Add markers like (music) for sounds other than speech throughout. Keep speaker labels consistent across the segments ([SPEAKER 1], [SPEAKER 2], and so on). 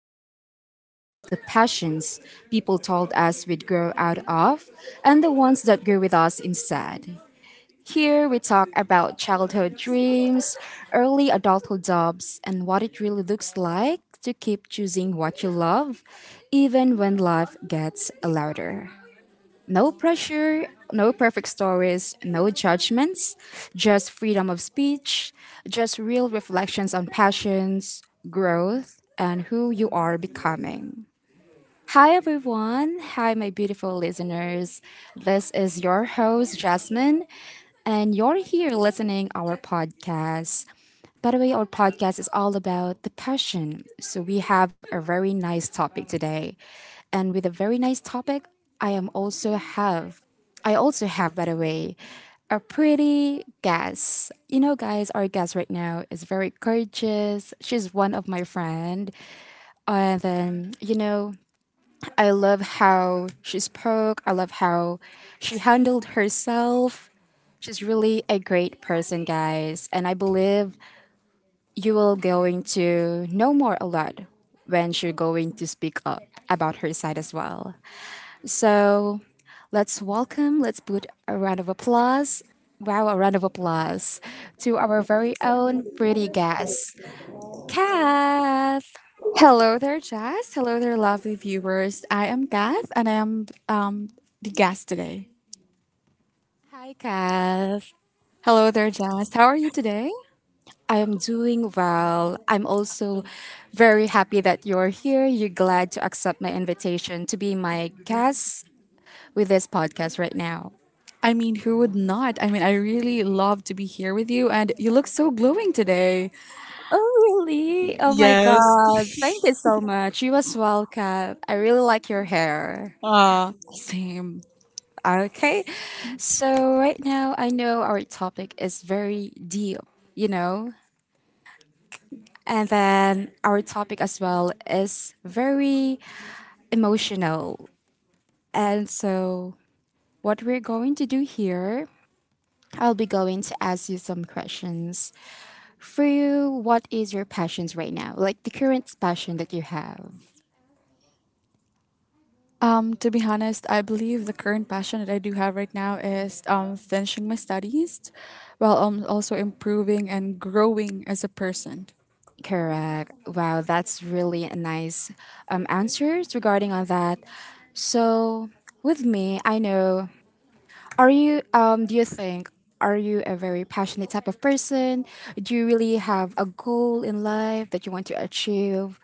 [SPEAKER 1] podcast is about the passions people told us we'd grow out of and the ones that grew with us instead. Here we talk about childhood dreams, early adulthood jobs, and what it really looks like to keep choosing what you love even when life gets louder. No pressure, no perfect stories, no judgments, just freedom of speech, just real reflections on passions, growth, and who you are becoming. Hi, everyone. Hi, my beautiful listeners. This is your host, Jasmine, and you're here listening our podcast. By the way, our podcast is all about the passion. So we have a very nice topic today. And with a very nice topic, I am also have I also have, by the way, a pretty guest. You know, guys, our guest right now is very courageous. She's one of my friend. And then, I love how she spoke. I love how she handled herself. She's really a great person, guys. And I believe you will going to know more a lot when she's going to speak up about her side as well. So let's put a round of applause. Wow, a round of applause to our very own pretty guest, Kath.
[SPEAKER 2] Hello there, Jazz. Hello there, lovely viewers. I am Kath and I am the guest today.
[SPEAKER 1] Hi, Kath.
[SPEAKER 2] Hello there, Jazz. How are you today?
[SPEAKER 1] I am doing well. I'm also very happy that you're here. You're glad to accept my invitation to be my guest with this podcast right now.
[SPEAKER 2] I mean, who would not? I mean, I really love to be here with you and you look so glowing today.
[SPEAKER 1] Oh, really? Oh my
[SPEAKER 2] Yes.
[SPEAKER 1] God. Thank you so much. You as well, Kat. I really like your hair.
[SPEAKER 2] Same.
[SPEAKER 1] Okay. So, right now, I know our topic is very deep, you know? And then our topic as well is very emotional. And so, what we're going to do here, I'll be going to ask you some questions. For you, what is your passions right now? Like the current passion that you have.
[SPEAKER 2] To be honest, I believe the current passion that I do have right now is finishing my studies while also improving and growing as a person.
[SPEAKER 1] Correct. Wow, that's really a nice answers regarding on that. So with me, I know. Are you? Do you think? Are you a very passionate type of person? Do you really have a goal in life that you want to achieve?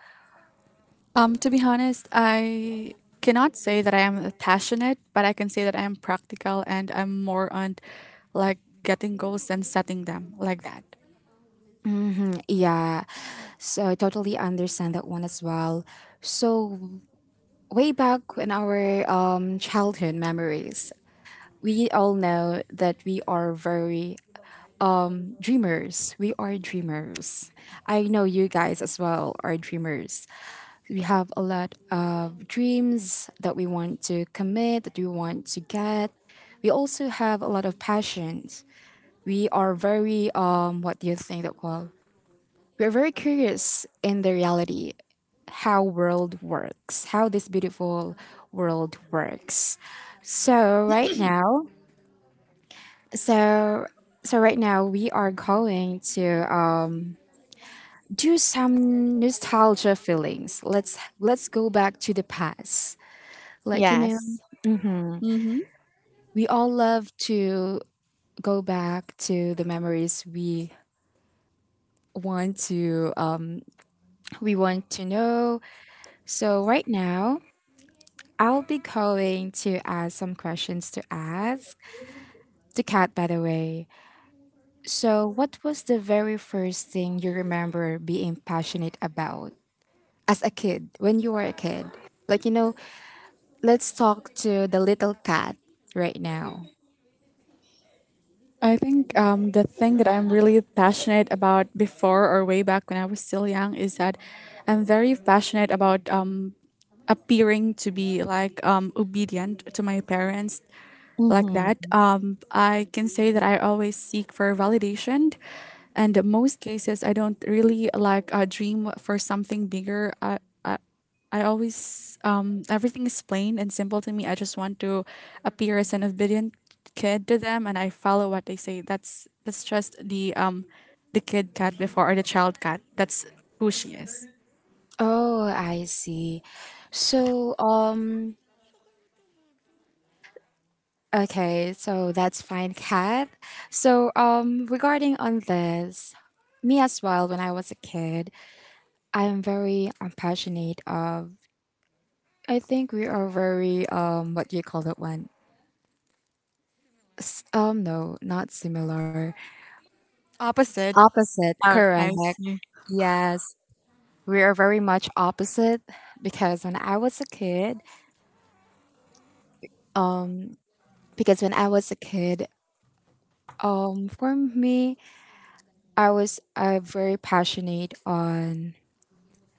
[SPEAKER 2] To be honest, I cannot say that I am passionate, but I can say that I am practical and I'm more on like getting goals and setting them like that.
[SPEAKER 1] Yeah, so I totally understand that one as well. So, way back in our childhood memories, we all know that we are very dreamers. We are dreamers. I know you guys as well are dreamers. We have a lot of dreams that we want to commit, that we want to get. We also have a lot of passions. We are very what do you think that well? We are very curious in the reality how world works, how this beautiful world works. So right now, so so right now we are going to uh, do some nostalgia feelings. Let's go back to the past. Like
[SPEAKER 2] Yes.
[SPEAKER 1] yes,
[SPEAKER 2] Mm-hmm.
[SPEAKER 1] we all love to go back to the memories want to um, we want to know. So right now I'll be going to ask some questions to ask to Kat, by the way. So, what was the very first thing you remember being passionate about as a kid, when you were a kid? Like, let's talk to the little cat right now.
[SPEAKER 2] I think the thing that I'm really passionate about before or way back when I was still young is that I'm very passionate about appearing to be like obedient to my parents like that.
[SPEAKER 1] Mm-hmm.
[SPEAKER 2] I can say that I always seek for validation, and in most cases, I don't really like dream for something bigger. I, I always everything is plain and simple to me. I just want to appear as an obedient kid to them, and I follow what they say. That's just the the kid cat before or the child cat. That's who she is.
[SPEAKER 1] Oh, I see. So, okay, so that's fine, Kat. So, regarding on this, me as well, when I was a kid, I am very passionate of. I think we are very what do you call that one? No, not similar.
[SPEAKER 2] Opposite.
[SPEAKER 1] Opposite,
[SPEAKER 2] Uh,
[SPEAKER 1] correct. Yes, we are very much opposite because when I was a kid, um because when I was a kid, for me, I was very passionate on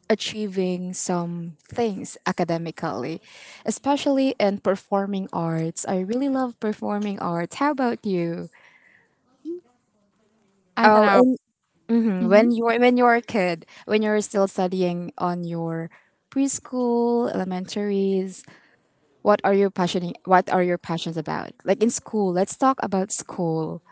[SPEAKER 1] achieving some things academically, especially in performing arts. I really love performing arts. How about you?
[SPEAKER 2] I don't
[SPEAKER 1] Oh,
[SPEAKER 2] know.
[SPEAKER 1] and mhm,
[SPEAKER 2] Mm-hmm.
[SPEAKER 1] when you were a kid, when you were still studying on your preschool, elementaries, what are you passionate? What are your passions about? Like in school, let's talk about school.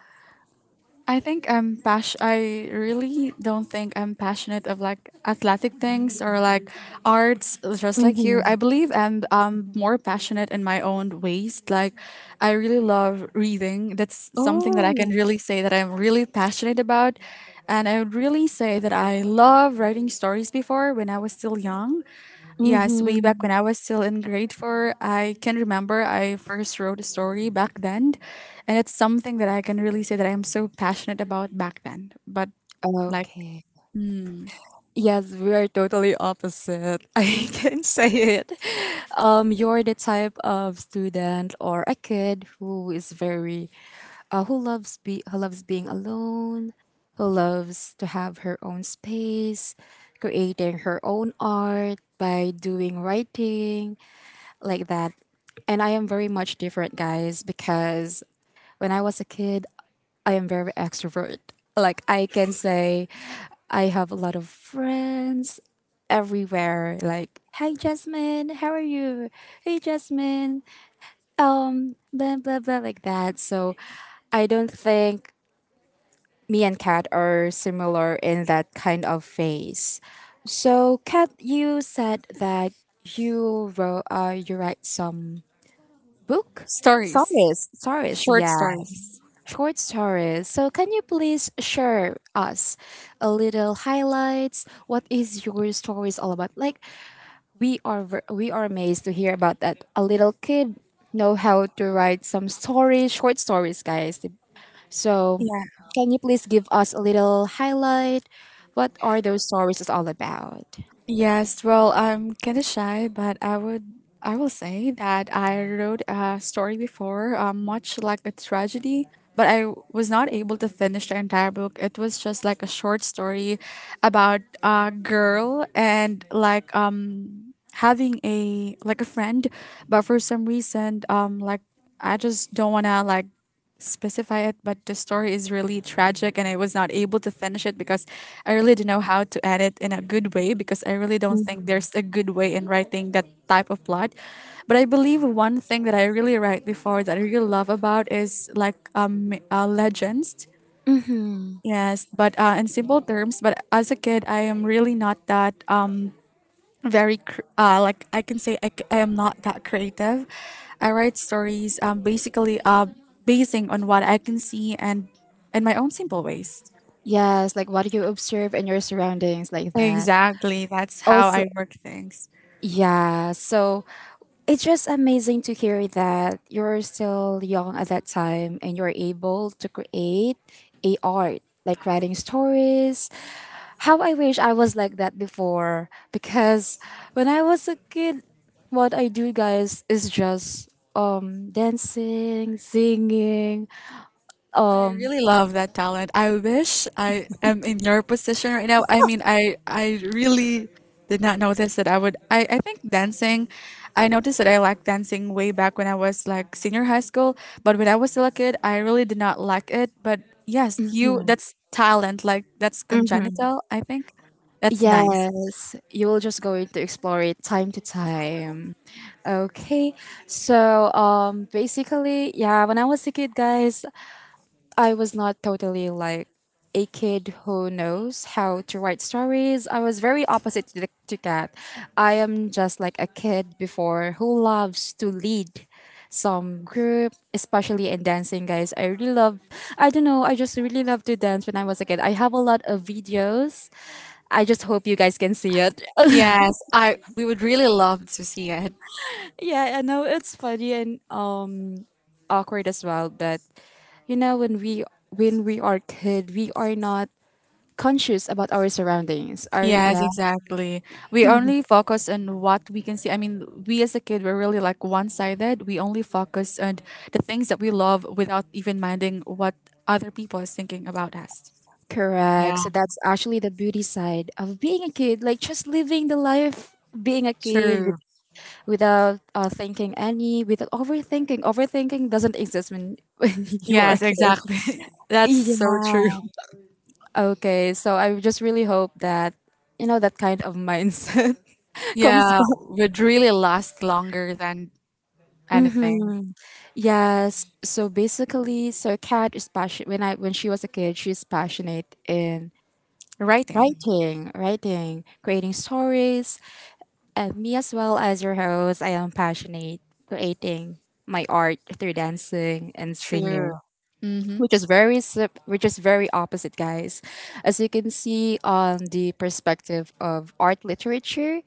[SPEAKER 2] I think I'm pas. I really don't think I'm passionate of like athletic things or like arts, just like
[SPEAKER 1] Mm-hmm.
[SPEAKER 2] you. I believe I'm more passionate in my own ways. Like, I really love reading. That's something that I can
[SPEAKER 1] Oh.
[SPEAKER 2] really say that I'm really passionate about, and I would really say that I love writing stories before when I was still young. Yes, way back
[SPEAKER 1] Mm-hmm.
[SPEAKER 2] when I was still in grade four, I can remember I first wrote a story back then. And it's something that I can really say that I'm so passionate about back then. But like
[SPEAKER 1] Okay.
[SPEAKER 2] mm,
[SPEAKER 1] Yes, we are totally opposite. (laughs) I can say it. You're the type of student or a kid who is very, who loves being alone, who loves to have her own space, creating her own art by doing writing, like that. And I am very much different, guys, because when I was a kid, I am very extrovert. Like I can say I have a lot of friends everywhere. Like, hi Jasmine, how are you? Hey Jasmine. Blah blah blah like that. So I don't think me and Kat are similar in that kind of phase. So Kat, you said that you write some book
[SPEAKER 2] stories,
[SPEAKER 1] stories,
[SPEAKER 2] short
[SPEAKER 1] yeah,
[SPEAKER 2] stories.
[SPEAKER 1] short stories. So can you please share us a little highlights what is your stories all about like we are amazed to hear about that a little kid know how to write some stories short stories guys so
[SPEAKER 2] Yeah.
[SPEAKER 1] can you please give us a little highlight what are those stories is all about.
[SPEAKER 2] Yes, well, I'm kinda shy, but I will say that I wrote a story before, much like a tragedy, but I was not able to finish the entire book. It was just like a short story about a girl and like having a like a friend, but for some reason like I just don't want to like specify it. But the story is really tragic and I was not able to finish it because I really don't know how to add it in a good way, because I really don't think there's a good way in writing that type of plot. But I believe one thing that I really write before that I really love about is like legends.
[SPEAKER 1] Mm-hmm.
[SPEAKER 2] Yes, but in simple terms, but as a kid, I am really not that like I can say I am not that creative. I write stories basically basing on what I can see and in my own simple ways.
[SPEAKER 1] Yes, like what do you observe in your surroundings like that
[SPEAKER 2] Exactly, that's how
[SPEAKER 1] also.
[SPEAKER 2] I work things.
[SPEAKER 1] Yeah, so it's just amazing to hear that you're still young at that time and you're able to create a art, like writing stories. How I wish I was like that before because when I was a kid, what I do guys is just dancing, singing,
[SPEAKER 2] I
[SPEAKER 1] um
[SPEAKER 2] really love that talent. I wish I am in your position right now. I mean, I really did not notice that I would. I think dancing. I noticed that I liked dancing way back when I was like senior high school. But when I was still a kid, I really did not like it. But yes, you
[SPEAKER 1] mhm,
[SPEAKER 2] that's talent. Like that's
[SPEAKER 1] mhm.
[SPEAKER 2] congenital. I think that's nice.
[SPEAKER 1] Yes, you will just going to explore it time to time. Okay, so basically, yeah, when I was a kid, guys, I was not totally like a kid who knows how to write stories. I was very opposite to Kat. I am just like a kid before who loves to lead some group, especially in dancing, guys. I don't know, I just really love to dance when I was a kid. I have a lot of videos I just hope you guys can see it. (laughs)
[SPEAKER 2] Yes, I we would really love to see it.
[SPEAKER 1] Yeah, I know it's funny and awkward as well, but you know when we are kid, we are not conscious about our surroundings. Are
[SPEAKER 2] Yes,
[SPEAKER 1] Yeah,
[SPEAKER 2] exactly. We only focus on what we can see. I mean, we as a kid, we're really like one sided. We only focus on the things that we love without even minding what other people is thinking about us.
[SPEAKER 1] correct.
[SPEAKER 2] Yeah,
[SPEAKER 1] So that's actually the beauty side of being a kid, like just living the life being a kid
[SPEAKER 2] true.
[SPEAKER 1] with, without without overthinking. Overthinking doesn't exist when (laughs) when you are a
[SPEAKER 2] Yes,
[SPEAKER 1] kid.
[SPEAKER 2] exactly. (laughs) That's so true.
[SPEAKER 1] Yeah. Okay, so I just really hope that you know that kind of mindset comes
[SPEAKER 2] Yeah,
[SPEAKER 1] back.
[SPEAKER 2] would really last longer than anything.
[SPEAKER 1] Mm-hmm. Yes. So basically, Kat is passionate. When she was a kid, she's passionate in
[SPEAKER 2] Writing.
[SPEAKER 1] creating stories, and me as well as your host, I am passionate creating my art through dancing and
[SPEAKER 2] True.
[SPEAKER 1] singing,
[SPEAKER 2] Mm-hmm.
[SPEAKER 1] which is very opposite, guys. As you can see on the perspective of art literature,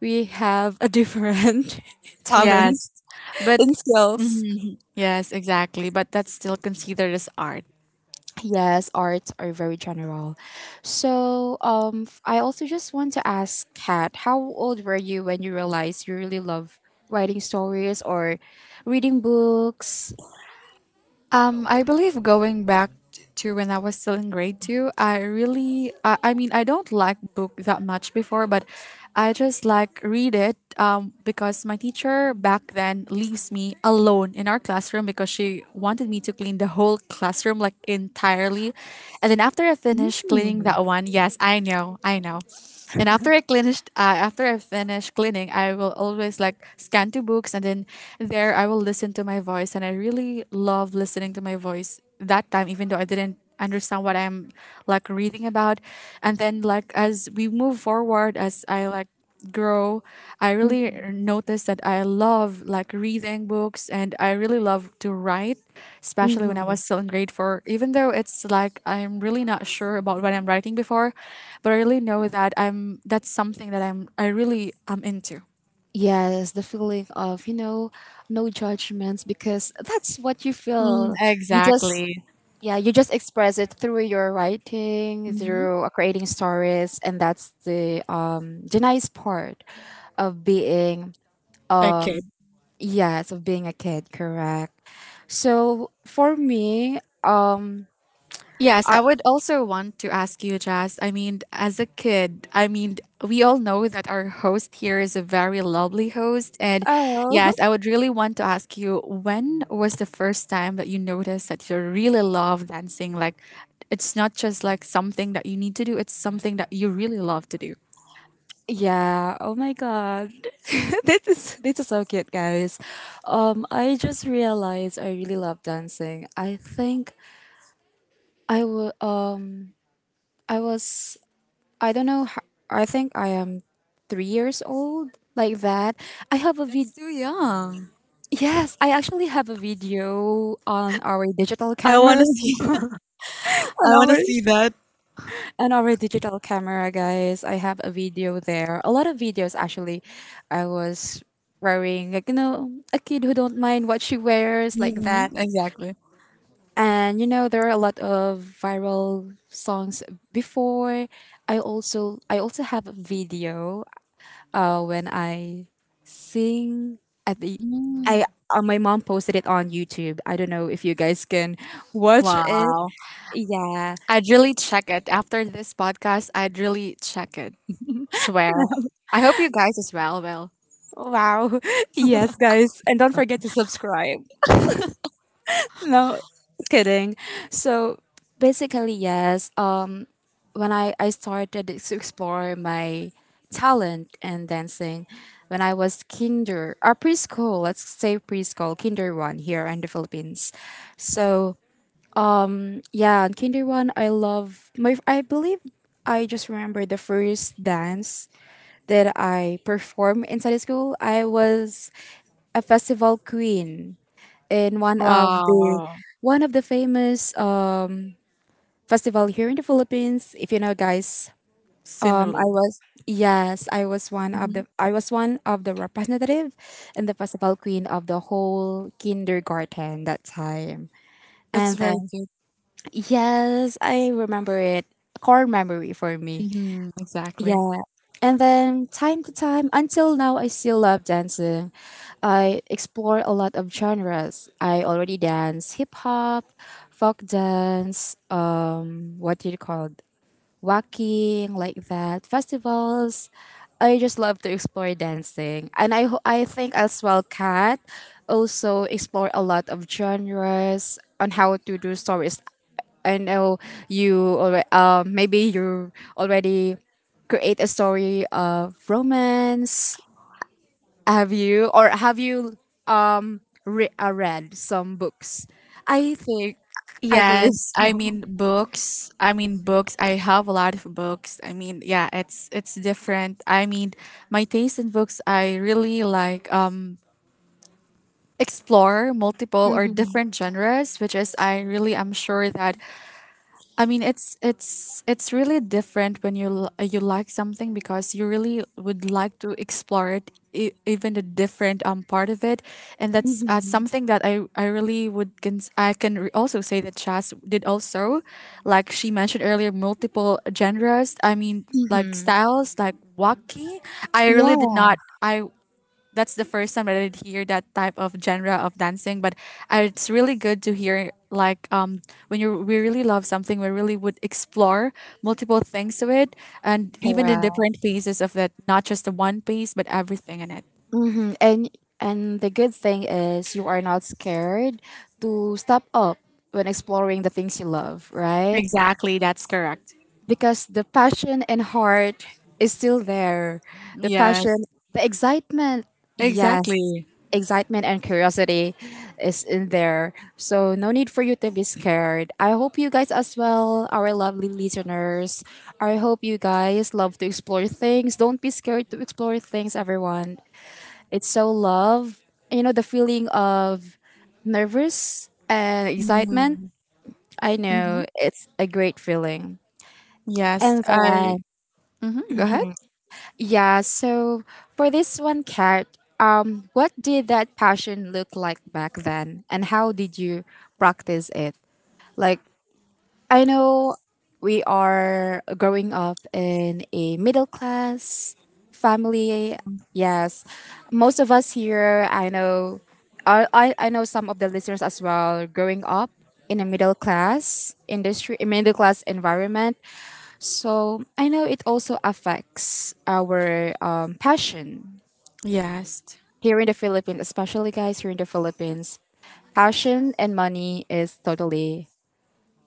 [SPEAKER 1] we have a different (laughs)
[SPEAKER 2] Yes,
[SPEAKER 1] talents
[SPEAKER 2] but (laughs)
[SPEAKER 1] and skills.
[SPEAKER 2] Mhm. Yes, exactly. But that's still considered as art.
[SPEAKER 1] Yes, arts are very general. So, I also just want to ask Kat, how old were you when you realized you really love writing stories or reading books?
[SPEAKER 2] I believe going back to when I was still in grade two, I mean, I don't like book that much before, but I just like read it because my teacher back then leaves me alone in our classroom because she wanted me to clean the whole classroom like entirely. And then after I finish cleaning
[SPEAKER 1] Mm.
[SPEAKER 2] that one, yes, I know, I know. And after after I finish cleaning, I will always like scan to books, and then there I will listen to my voice, and I really love listening to my voice that time, even though I didn't understand what I'm like reading about. And then like as we move forward, as I like grow, I really noticed that I love like reading books, and I really love to write, especially when I
[SPEAKER 1] Mhm.
[SPEAKER 2] was still in grade four, even though it's like I'm really not sure about what I'm writing before. But I really know that I'm that's something that I really am into.
[SPEAKER 1] Yes, the feeling of, no judgments because that's what you
[SPEAKER 2] Mm,
[SPEAKER 1] feel. You just,
[SPEAKER 2] exactly.
[SPEAKER 1] yeah, you just express it through your writing,
[SPEAKER 2] Mhm.
[SPEAKER 1] through creating stories, and that's the nice part of being
[SPEAKER 2] Okay.
[SPEAKER 1] um Yes, of being a kid, correct. So for me,
[SPEAKER 2] Yes,
[SPEAKER 1] I,
[SPEAKER 2] I would also want to ask you, Jazz. I mean, as a kid, I mean, we all know that our host here is a very lovely host. And
[SPEAKER 1] oh
[SPEAKER 2] yes, I would really want to ask you when was the first time that you noticed that you really love dancing? Like, it's not just like something that you need to do, it's something that you really love to do.
[SPEAKER 1] (laughs) yeah, oh my god, (laughs) this is so cute, guys. I just realized I really love dancing. I think I would. I was. I don't know. I think I am 3 years old, like that. I have a vid.
[SPEAKER 2] Too young.
[SPEAKER 1] Yes, I actually have a video on our digital
[SPEAKER 2] I want
[SPEAKER 1] camera
[SPEAKER 2] to see.
[SPEAKER 1] (laughs) on
[SPEAKER 2] I want to
[SPEAKER 1] our
[SPEAKER 2] see.
[SPEAKER 1] And our digital camera, guys. I have a video there. A lot of videos actually. I was wearing like you know a kid who don't mind what she wears like that.
[SPEAKER 2] Mhm, exactly.
[SPEAKER 1] And you know there are a lot of viral songs before. I also have a video when I sing at the I my mom posted it on YouTube. I don't know if you guys can (laughs) watch it.
[SPEAKER 2] Wow.
[SPEAKER 1] Yeah.
[SPEAKER 2] I'd really check it. After this podcast, I'd really check it. Swear. I hope you guys as well. Well,
[SPEAKER 1] Wow. (laughs) Yes, guys. And don't forget to subscribe. No, just kidding. So basically, yes, when I started to explore my talent in dancing, when I was kinder, or preschool, let's say preschool, kinder one here in the Philippines. So yeah, in kinder one, I believe I just remember the first dance that I performed inside the school. I was a festival queen in
[SPEAKER 2] wow,
[SPEAKER 1] one of the famous festival here in the Philippines. If you know, guys,
[SPEAKER 2] sinula.
[SPEAKER 1] I was yes, I was
[SPEAKER 2] Mhm.
[SPEAKER 1] one of the representative and the festival queen of the whole kindergarten that time.
[SPEAKER 2] That's
[SPEAKER 1] And
[SPEAKER 2] very
[SPEAKER 1] then
[SPEAKER 2] good.
[SPEAKER 1] yes, I remember it. Core memory for me.
[SPEAKER 2] Hmm. Exactly.
[SPEAKER 1] Yeah. And then time to time, until now, I still love dancing. I explore a lot of genres. I already dance hip hop, folk dance, what do you call walking like that, festivals. I just love to explore dancing, and I think as well, Kat also explore a lot of genres on how to do stories. I know you already maybe you already create a story of romance. Have you read some books? I think I believe
[SPEAKER 2] Yes, I
[SPEAKER 1] so.
[SPEAKER 2] mean books. I mean books. I have a lot of books. I mean, yeah, it's different. I mean, my taste in books, I really like explore multiple or
[SPEAKER 1] Mm-hmm.
[SPEAKER 2] different genres, which is I really am sure that I mean, it's really different when you like something because you really would like to explore it, even the different part of it, and that's
[SPEAKER 1] Mm-hmm.
[SPEAKER 2] something that I really would cons- I can also say that Chas did also, like she mentioned earlier, multiple genres. I mean, like
[SPEAKER 1] Mm-hmm.
[SPEAKER 2] styles, like wacky. I really did not. I That's the first time that I did hear that type of genre of dancing. But it's really good to hear like when you we really love something, we really would explore multiple things to it, and even the
[SPEAKER 1] Yeah.
[SPEAKER 2] different pieces of that, not just the one piece, but everything in it.
[SPEAKER 1] Mm-hmm. And the good thing is you are not scared to step up when exploring the things you love, right?
[SPEAKER 2] Exactly, that's correct.
[SPEAKER 1] Because the passion and heart is still there. The
[SPEAKER 2] Yes,
[SPEAKER 1] passion, the excitement, yes,
[SPEAKER 2] exactly.
[SPEAKER 1] excitement and curiosity is in there. So no need for you to be scared. I hope you guys as well, our lovely listeners. I hope you guys love to explore things. Don't be scared to explore things, everyone. It's so love. The feeling of nervous and excitement.
[SPEAKER 2] Mm.
[SPEAKER 1] I know it's a great feeling.
[SPEAKER 2] Yes,
[SPEAKER 1] And
[SPEAKER 2] I.
[SPEAKER 1] then,
[SPEAKER 2] Mm-hmm, go ahead.
[SPEAKER 1] yeah, so for this one, Kat, what did that passion look like back then? And how did you practice it? Like, I know we are growing up in a middle class family. Yes, most of us here, I know, I know some of the listeners as well, growing up in a middle class industry, a middle class environment. So I know it also affects our passion
[SPEAKER 2] Yes,
[SPEAKER 1] here in the Philippines, especially guys here in the Philippines. Passion and money is totally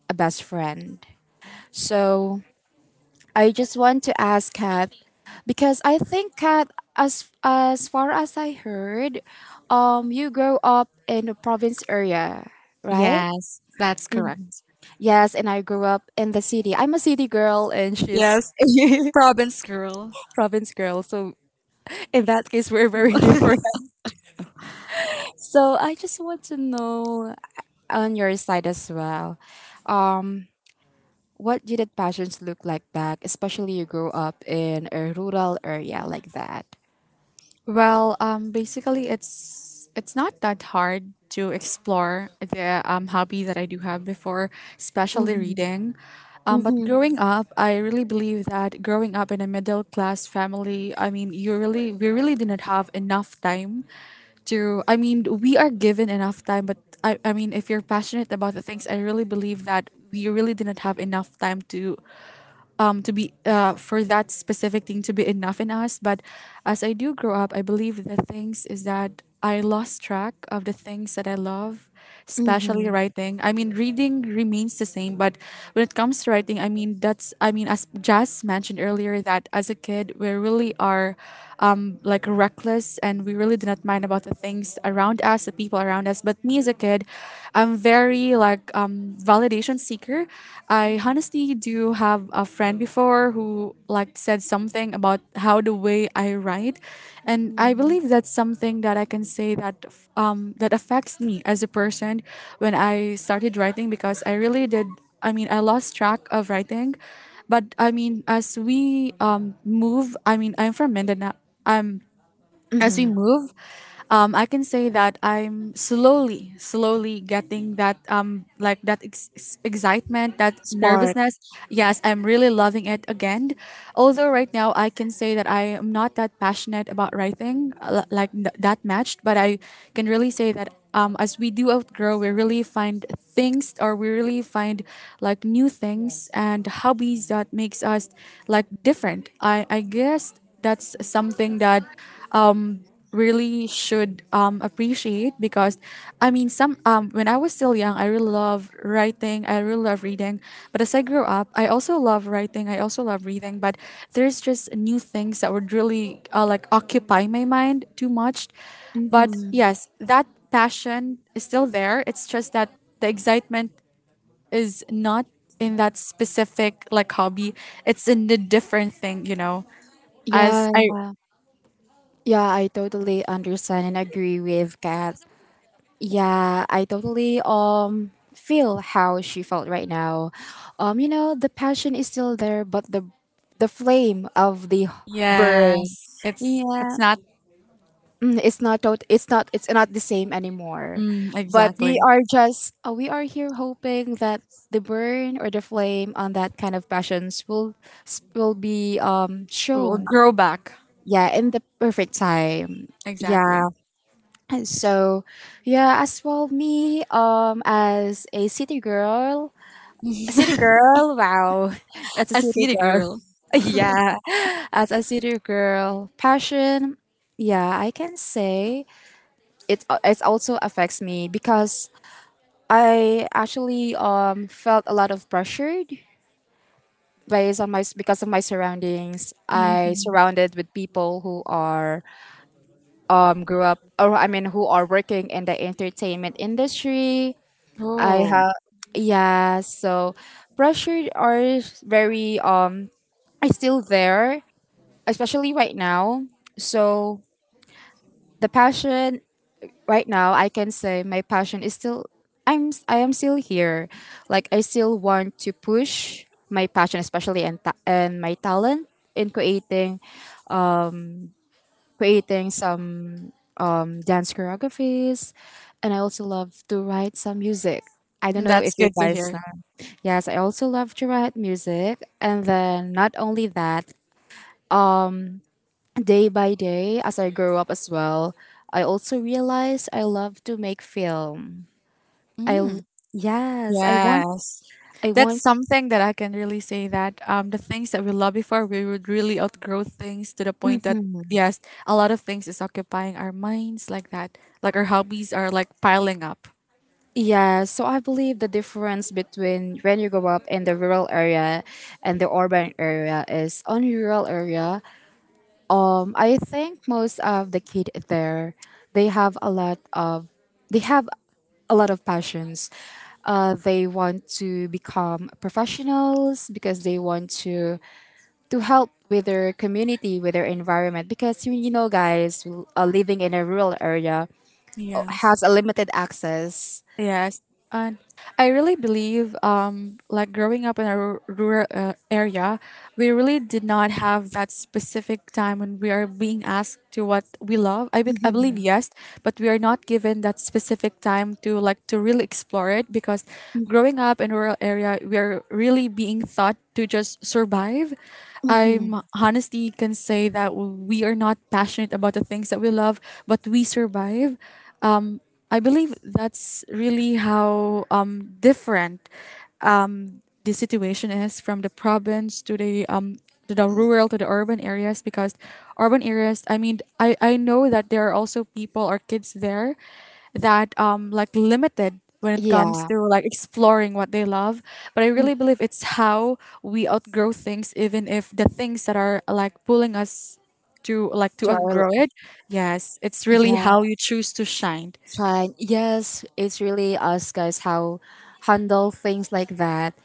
[SPEAKER 1] a best friend. So I just want to ask Kat because I think Kat, as far as I heard, you grow up in a province area, right?
[SPEAKER 2] yes, that's
[SPEAKER 1] Mm.
[SPEAKER 2] correct.
[SPEAKER 1] Yes, and I grew up in the city. I'm a city girl, and she's
[SPEAKER 2] Yes,
[SPEAKER 1] (laughs)
[SPEAKER 2] province girl.
[SPEAKER 1] province girl. So in that case, we're very different. (laughs) So I just want to know on your side as well, um, what did the passions look like back, especially you grew up in a rural area like that.
[SPEAKER 2] Well, basically, it's not that hard to explore the hobby that I do have before, especially
[SPEAKER 1] Mm-hmm.
[SPEAKER 2] reading. But growing up, I really believe that growing up in a middle class family, I mean, you really we really didn't have enough time to. I mean, we are given enough time, but I mean, if you're passionate about the things, I really believe that we really didn't have enough time to be for that specific thing to be enough in us. But as I do grow up, I believe the things is that I lost track of the things that I love, especially
[SPEAKER 1] Mhm.
[SPEAKER 2] writing. I mean, reading remains the same, but when it comes to writing, I mean, as Jazz mentioned earlier, that as a kid we really are like reckless, and we really do not mind about the things around us, the people around us. But me as a kid, I'm very like validation seeker. I honestly do have a friend before who like said something about how the way I write, and I
[SPEAKER 1] Mhm.
[SPEAKER 2] believe that's something that I can say that affects me as a person when I started writing because I really did. I mean, I lost track of writing, but I mean, as we move, I mean, I'm from Mindanao. I'm As we
[SPEAKER 1] Mhm.
[SPEAKER 2] move, I can say that I'm slowly, slowly getting that like that excitement, that
[SPEAKER 1] Spark.
[SPEAKER 2] nervousness. Yes, I'm really loving it again. Although right now I can say that I am not that passionate about writing like that matched. But I can really say that. As we do outgrow, we really find things, or we really find like new things and hobbies that makes us like different. I guess that's something that really should appreciate, because I mean, some when I was still young, I really love writing, I really love reading, but as I grew up, I also love writing, I also love reading, but there's just new things that would really like occupy my mind too much. But
[SPEAKER 1] Mhm.
[SPEAKER 2] yes, that passion is still there, it's just that the excitement is not in that specific like hobby, it's in the different thing, as
[SPEAKER 1] Yeah.
[SPEAKER 2] I.
[SPEAKER 1] Yeah, I totally understand and agree with Kat. Yeah, I totally feel how she felt right now. You know, the passion is still there, but the flame of the burn.
[SPEAKER 2] Yes, it's
[SPEAKER 1] Yeah.
[SPEAKER 2] it's not.
[SPEAKER 1] Mm, it's not the same anymore,
[SPEAKER 2] Mm,
[SPEAKER 1] but
[SPEAKER 2] exactly.
[SPEAKER 1] we are just we are here hoping that the burn or the flame on that kind of passions will will be
[SPEAKER 2] We'll
[SPEAKER 1] shown,
[SPEAKER 2] grow back.
[SPEAKER 1] yeah, in the perfect time. Yeah.
[SPEAKER 2] Exactly.
[SPEAKER 1] And so, yeah, as well me as a city girl, a city girl, wow, (laughs) as a
[SPEAKER 2] A
[SPEAKER 1] city
[SPEAKER 2] city
[SPEAKER 1] girl,
[SPEAKER 2] girl.
[SPEAKER 1] (laughs) yeah, as a city girl passion, yeah, I can say it, it also affects me because I actually felt a lot of pressure based on my because of my surroundings. I
[SPEAKER 2] Hmm.
[SPEAKER 1] surrounded with people who are grew up, or I mean who are working in the entertainment industry. I
[SPEAKER 2] Oh,
[SPEAKER 1] have, yeah, so pressure are very are still there, especially right now. So the passion right now I can say my passion is still, I am still here. Like I still want to push my passion, especially and my talent in creating um creating some dance choreographies, and I also love to write some music. I don't know if
[SPEAKER 2] that's
[SPEAKER 1] you
[SPEAKER 2] good to
[SPEAKER 1] guys
[SPEAKER 2] hear.
[SPEAKER 1] know. Yes, I also love to write music, and then not only that, um day by day as I grow up as well, I also realized I love to make film. I l- yes,
[SPEAKER 2] Yes.
[SPEAKER 1] I
[SPEAKER 2] That's
[SPEAKER 1] want.
[SPEAKER 2] something that I can really say that, the things that we love before, we would really outgrow things to the point that,
[SPEAKER 1] Hmm.
[SPEAKER 2] yes, a lot of things is occupying our minds like that. Like our hobbies are like piling up.
[SPEAKER 1] Yeah, so I believe the difference between when you grow up in the rural area and the urban area is on rural area, I think most of the kid there, they have a lot of they have a lot of passions. They want to become professionals because they want to help with their community, with their environment. Because you know, guys, living in a rural area, has
[SPEAKER 2] Yes.
[SPEAKER 1] a limited access.
[SPEAKER 2] Yes, and I really believe, like growing up in a rural area, we really did not have that specific time when we are being asked to what we love. I bet I believe,
[SPEAKER 1] Mhm,
[SPEAKER 2] yes, but we are not given that specific time to like to really explore it, because growing up in a rural area, we are really being taught to just survive.
[SPEAKER 1] mhm.
[SPEAKER 2] I'm honestly can say that we are not passionate about the things that we love, but we survive. I believe that's really how different the situation is from the province to the rural to the urban areas, because urban areas, I mean, I know that there are also people or kids there that like limited when it comes
[SPEAKER 1] Yeah,
[SPEAKER 2] to like exploring what they love, but I really believe it's how we outgrow things, even if the things that are like pulling us to like to
[SPEAKER 1] to our,
[SPEAKER 2] outgrow it. Yes, it's really how
[SPEAKER 1] yeah,
[SPEAKER 2] you choose to shine.
[SPEAKER 1] it's fine. Yes, it's really us guys how handle things like that,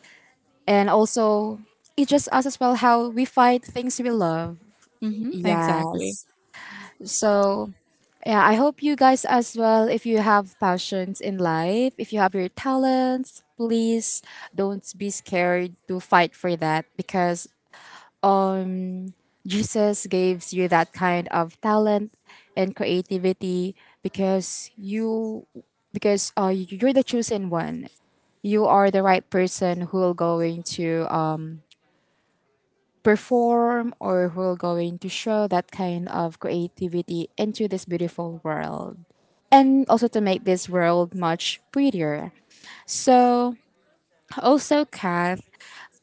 [SPEAKER 1] and also it's just us as well how we find things we love.
[SPEAKER 2] Exactly.
[SPEAKER 1] Yes, so yeah, I hope you guys as well. If you have passions in life, if you have your talents, please don't be scared to fight for that because um Jesus gives you that kind of talent and creativity because you, because you're the chosen one. You are the right person who will going to perform or who will going to show that kind of creativity into this beautiful world, and also to make this world much prettier. So also Kath,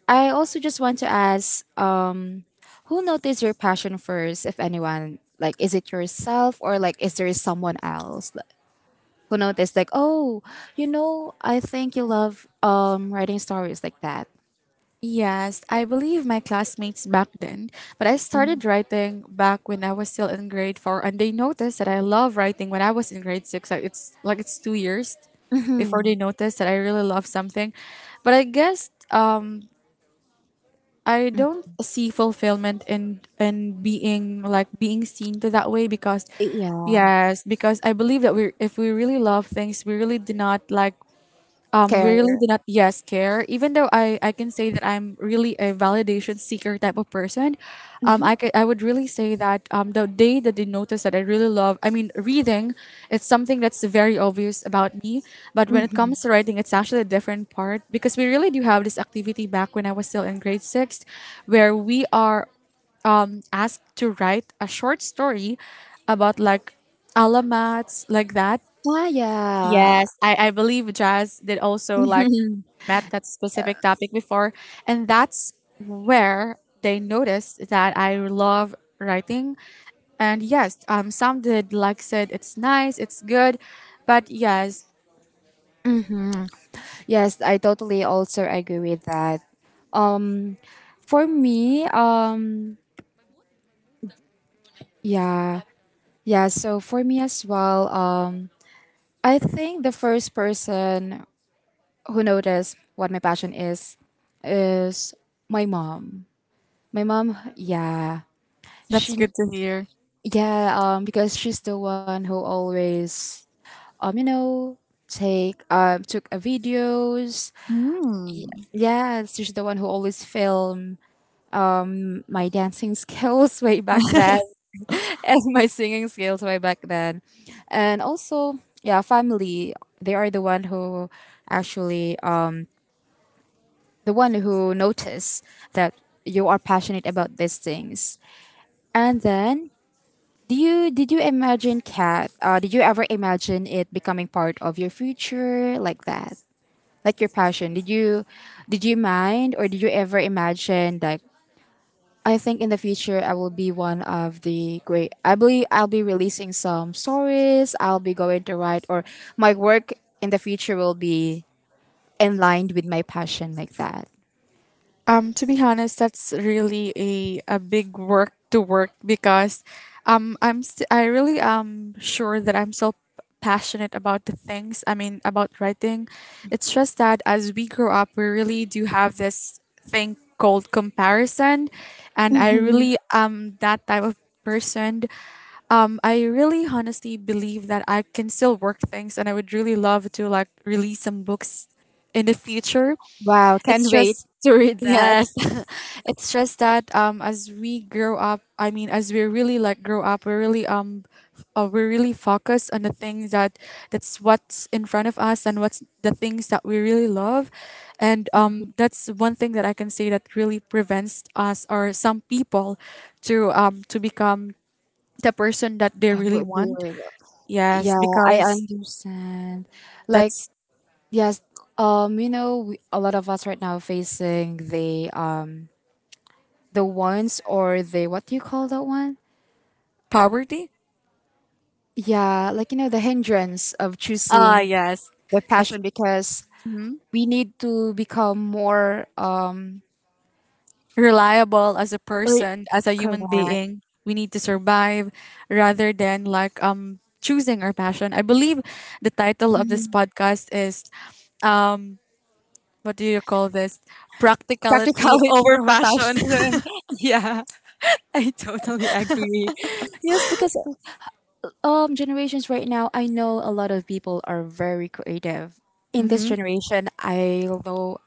[SPEAKER 1] I also just want to ask, um. Who noticed your passion first, if anyone? Like, is it yourself, or like, is there someone else like, who noticed? Like, oh, you know, I think you love writing stories like that.
[SPEAKER 2] Yes, I believe my classmates back then, but I started writing back when I was still in grade 4, and they noticed that I love writing when I was in grade 6. Like it's 2 years before
[SPEAKER 1] Mm-hmm.
[SPEAKER 2] they noticed that I really love something, but I guess, I don't see fulfillment in being like being seen to that way, because
[SPEAKER 1] Yeah.
[SPEAKER 2] yes, because I believe that we, if we really love things, we really do not like, we really
[SPEAKER 1] Care.
[SPEAKER 2] do not, yes, care. Even though I can say that I'm really a validation seeker type of person, I
[SPEAKER 1] Mm-hmm.
[SPEAKER 2] could, I would really say that the day that they notice that I really love, I mean, reading, it's something that's very obvious about me. But when it comes
[SPEAKER 1] Mm-hmm.
[SPEAKER 2] to writing, it's actually a different part, because we really do have this activity back when I was still in grade 6, where we are asked to write a short story about like alamats like that.
[SPEAKER 1] Ah, yeah.
[SPEAKER 2] Yes, I believe Jazz did also like met that specific topic before, and that's where they noticed that I love writing. And yes, some did like said it's nice, it's good, but yes,
[SPEAKER 1] Mm-hmm. Yes, I totally also agree with that. Um, for me, yeah, yeah. So for me as well, I think the first person who noticed what my passion is my mom. My mom, yeah,
[SPEAKER 2] that's
[SPEAKER 1] she,
[SPEAKER 2] good to hear.
[SPEAKER 1] yeah, because she's the one who always, you know, take, took a videos.
[SPEAKER 2] Hmm.
[SPEAKER 1] Yeah, she's the one who always film my dancing skills (laughs) way back then (laughs) and my singing skills way back then, and also, yeah, family. They are the one who actually, the one who notice that you are passionate about these things. And then, do you did you imagine cat? Did you ever imagine it becoming part of your future like that? Like your passion? Did you mind, or did you ever imagine like I think in the future I will be one of the great, I believe I'll be releasing some stories, I'll be going to write, or my work in the future will be in line with my passion like that.
[SPEAKER 2] To be honest, that's really a big work to work, because I really am sure that I'm still passionate about the things. I mean, about writing. It's just that as we grow up, we really do have this thing called comparison, and I really am that type of person. I really honestly believe that I can still work things, and I would really love to like release some books in the future.
[SPEAKER 1] Wow,
[SPEAKER 2] It's
[SPEAKER 1] can't wait
[SPEAKER 2] just.
[SPEAKER 1] to read that.
[SPEAKER 2] Yes, (laughs) it's just that as we grow up, I mean, as we really like grow up, we're really we're really focused on the things that that's what's in front of us, and what's the things that we really love, and that's one thing that I can say that really prevents us or some people to become the person that
[SPEAKER 1] (laughs)
[SPEAKER 2] they really
[SPEAKER 1] Oh,
[SPEAKER 2] want.
[SPEAKER 1] dear.
[SPEAKER 2] Yes,
[SPEAKER 1] Yeah, I
[SPEAKER 2] because
[SPEAKER 1] understand. Like,
[SPEAKER 2] that's
[SPEAKER 1] yes, you know, we, a lot of us right now facing the ones or the what do you call that one?
[SPEAKER 2] poverty.
[SPEAKER 1] Yeah, like you know, the hindrance of
[SPEAKER 2] Ah,
[SPEAKER 1] choosing
[SPEAKER 2] yes,
[SPEAKER 1] the
[SPEAKER 2] that's.
[SPEAKER 1] passion because
[SPEAKER 2] Mm-hmm.
[SPEAKER 1] we need to become more
[SPEAKER 2] Reliable as a
[SPEAKER 1] re-
[SPEAKER 2] person, as a human
[SPEAKER 1] correct. (laughs)
[SPEAKER 2] being. We need to survive rather than like choosing our passion. I believe the title of this
[SPEAKER 1] Mhm.
[SPEAKER 2] podcast is, what do you call this? Practicality
[SPEAKER 1] Practicality
[SPEAKER 2] over
[SPEAKER 1] over
[SPEAKER 2] passion.
[SPEAKER 1] passion. (laughs) Yeah, I totally agree. Yes, because generations right now, I know a lot of people are very creative
[SPEAKER 2] (laughs)
[SPEAKER 1] in this
[SPEAKER 2] Hmm.
[SPEAKER 1] generation, I know,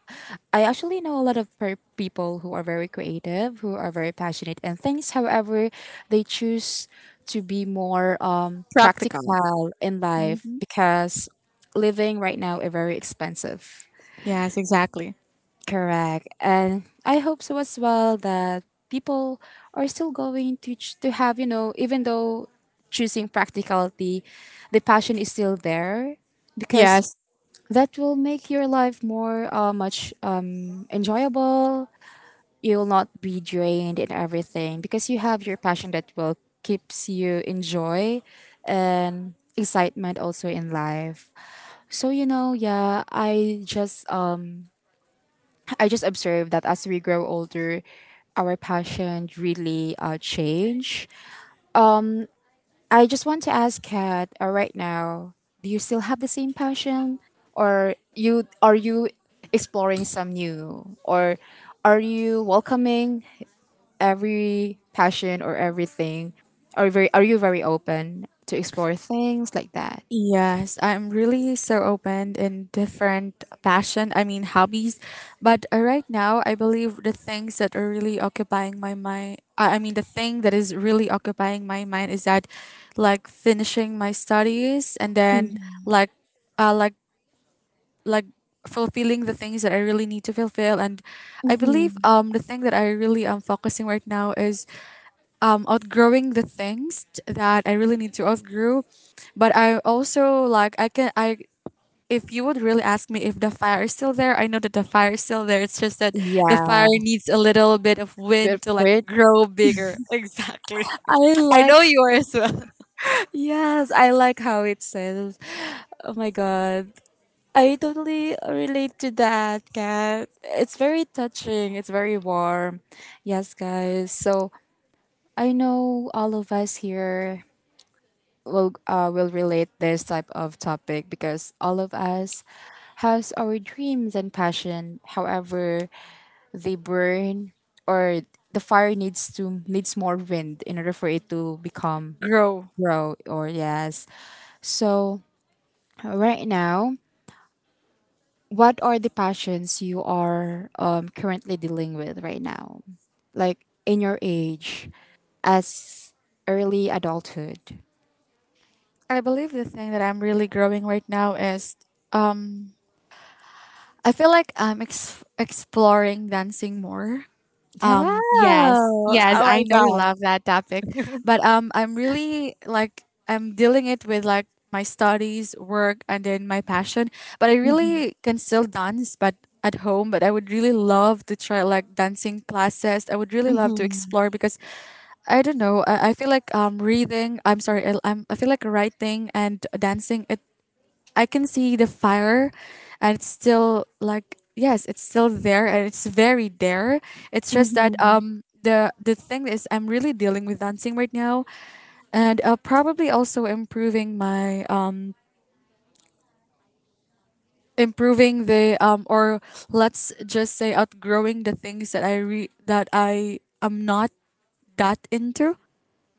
[SPEAKER 1] I actually know a lot of per- people who are very creative, who are very passionate and things, however they choose to be more
[SPEAKER 2] Practical.
[SPEAKER 1] practical in life
[SPEAKER 2] Hmm.
[SPEAKER 1] because living right now is very expensive.
[SPEAKER 2] Yes, exactly.
[SPEAKER 1] Correct. And I hope so as well that people are still going to to have, you know, even though choosing practicality, the passion is still there, because
[SPEAKER 2] Yes.
[SPEAKER 1] that will make your life more much enjoyable. You'll not be drained in everything because you have your passion that will keeps you enjoy, and excitement also in life. So you know, yeah, I just observed that as we grow older, our passion really change. I just want to ask Kat, right now, do you still have the same passion, or you exploring some new, or are you welcoming every passion or everything, or very are you very open to explore things like that?
[SPEAKER 2] Yes, I'm really so open in different passion, I mean, hobbies. But right now, I believe the things that are really occupying my mind, I mean the thing that is really occupying my mind is that like finishing my studies, and then like uh like like fulfilling the things that I really need to fulfill, and I believe
[SPEAKER 1] Mm-hmm.
[SPEAKER 2] the thing that I really am focusing right now is outgrowing the things that I really need to outgrow. But I also like I can I, if you would really ask me if the fire is still there, I know that the fire is still there. It's just that the
[SPEAKER 1] Yeah,
[SPEAKER 2] fire needs a little bit of
[SPEAKER 1] good
[SPEAKER 2] wind to
[SPEAKER 1] for
[SPEAKER 2] like
[SPEAKER 1] it.
[SPEAKER 2] grow bigger. (laughs) Exactly.
[SPEAKER 1] I
[SPEAKER 2] I
[SPEAKER 1] like.
[SPEAKER 2] know you are as well.
[SPEAKER 1] Yes, I like how it says. Oh my god. I totally relate to that, Kat. It's very touching. It's very warm. Yes, guys. So I know all of us here will relate this type of topic because all of us has our dreams and passion. However, they burn or the fire needs more wind in order for it to become
[SPEAKER 2] Grow.
[SPEAKER 1] grow, or yes. So right now, what are the passions you are currently dealing with right now? Like in your age, as early adulthood.
[SPEAKER 2] I believe the thing that I'm really growing right now is. um I feel like I'm exploring dancing more.
[SPEAKER 1] Wow.
[SPEAKER 2] Yes,
[SPEAKER 1] Oh
[SPEAKER 2] yes, I
[SPEAKER 1] my
[SPEAKER 2] know you
[SPEAKER 1] god.
[SPEAKER 2] love that topic, but I'm really like I'm dealing it with like my studies, work, and then my passion. But I really can still dance, but at home. But I would really love to try like dancing classes. I would really love to
[SPEAKER 1] Mhm,
[SPEAKER 2] explore, because I don't know. I feel like reading. I'm sorry. I feel like writing and dancing. It I can see the fire, and it's still like, yes, it's still there, and it's very there. It's just that
[SPEAKER 1] mhm.
[SPEAKER 2] the thing is I'm really dealing with dancing right now, and probably also improving my improving the or let's just say outgrowing the things that that I am not that into,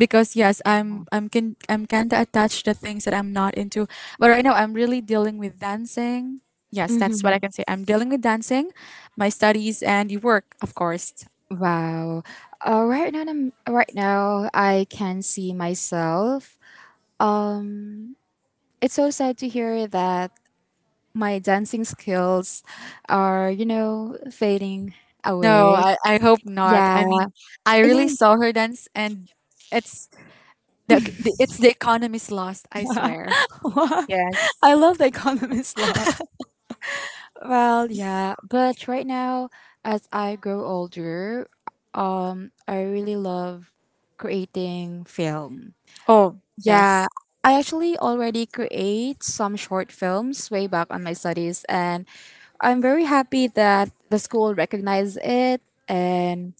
[SPEAKER 2] because yes, I'm kind of attached to things that I'm not into, but right now I'm really dealing with dancing. Yes, that's what I can say. I'm dealing with dancing, my studies, and work, of course.
[SPEAKER 1] Wow. Right now, right now, I can see myself. Um, it's so sad to hear that my dancing skills are, you know, fading
[SPEAKER 2] No,
[SPEAKER 1] away.
[SPEAKER 2] I hope not,
[SPEAKER 1] Yeah.
[SPEAKER 2] I mean, I
[SPEAKER 1] Yeah.
[SPEAKER 2] really saw her dance, and it's the economy's lost, I swear.
[SPEAKER 1] (laughs) (laughs)
[SPEAKER 2] Yes.
[SPEAKER 1] I love the economist law. Well, yeah, but right now, as I grow older, I really love creating film.
[SPEAKER 2] Oh,
[SPEAKER 1] Yeah,
[SPEAKER 2] yes.
[SPEAKER 1] I actually already create some short films way back on my studies, and I'm very happy that the school recognized it, and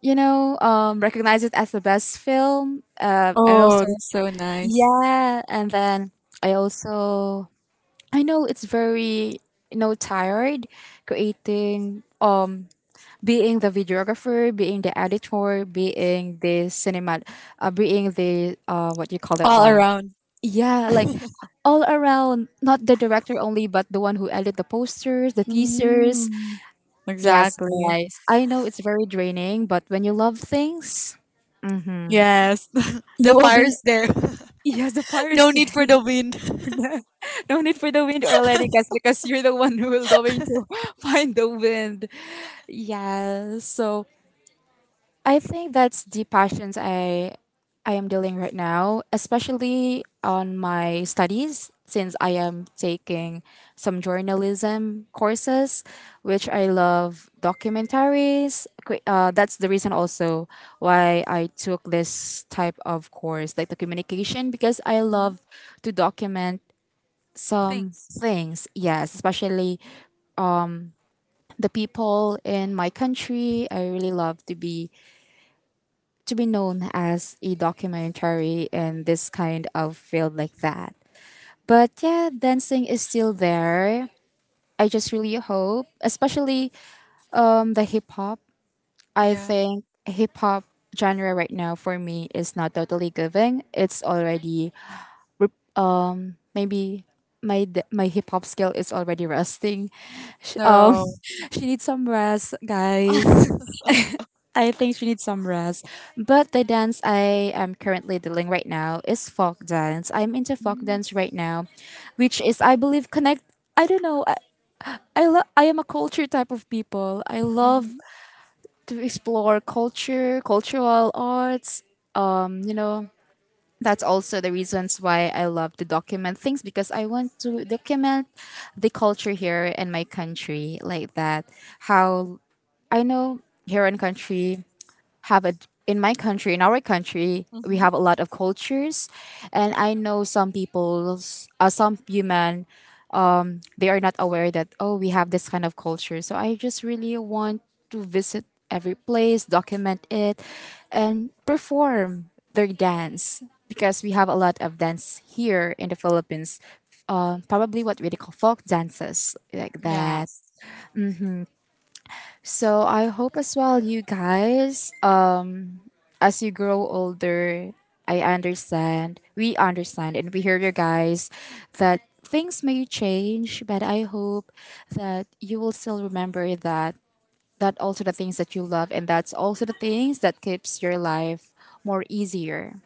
[SPEAKER 1] you know, recognize it as the best film. And
[SPEAKER 2] Oh,
[SPEAKER 1] also,
[SPEAKER 2] that's so nice.
[SPEAKER 1] yeah, and then I also I know it's very, you know, tired creating being the videographer, being the editor, being the cinema, being the what you call that
[SPEAKER 2] All
[SPEAKER 1] one?
[SPEAKER 2] around.
[SPEAKER 1] Yeah, like all around, not the director only, but the one who edit the posters, the teasers.
[SPEAKER 2] Mm,
[SPEAKER 1] Yes,
[SPEAKER 2] exactly.
[SPEAKER 1] guys, I know it's very draining, but when you love things, mm-hmm,
[SPEAKER 2] Yes. (laughs) The
[SPEAKER 1] you will be. (laughs)
[SPEAKER 2] fire's there.
[SPEAKER 1] Yes, the
[SPEAKER 2] (laughs)
[SPEAKER 1] fire.
[SPEAKER 2] No need for the wind.
[SPEAKER 1] (laughs) No need for the wind or letting us because you're the one who will going to (laughs) find the wind. Yeah. So I think that's the passions I am dealing right now, especially on my studies since I am taking some journalism courses, which I love documentaries. That's the reason also why I took this type of course, like the communication, because I love to document some
[SPEAKER 2] Things.
[SPEAKER 1] things. Yes, especially the people in my country. I really love to be known as a documentary in this kind of field like that. But yeah, dancing is still there. I just really hope, especially the hip hop. I
[SPEAKER 2] Yeah.
[SPEAKER 1] think hip hop genre right now for me is not totally giving. It's already maybe my hip hop skill is already rusting. Um,
[SPEAKER 2] So.
[SPEAKER 1] (laughs) she needs some rest, guys. I think she needs some rest. But the dance I am currently dealing right now is folk dance. I'm into folk
[SPEAKER 2] Mm-hmm.
[SPEAKER 1] dance right now, which is I believe connect. I don't know. I am a culture type of people. I love to explore culture, cultural arts. Um, you know, that's also the reasons why I love to document things because I want to document the culture here in my country like that. How I know here in country have a in our country we
[SPEAKER 2] Mm-hmm.
[SPEAKER 1] have a lot of cultures, and I know some human, they are not aware that oh, we have this kind of culture, so I just really want to visit every place, document it, and perform their dance because we have a lot of dance here in the Philippines, probably what we call folk dances like that.
[SPEAKER 2] Yes.
[SPEAKER 1] So I hope as well, you guys, as you grow older, I understand, we understand, and we hear you guys that things may change, but I hope that you will still remember that also the things that you love, and that's also the things that keeps your life more easier.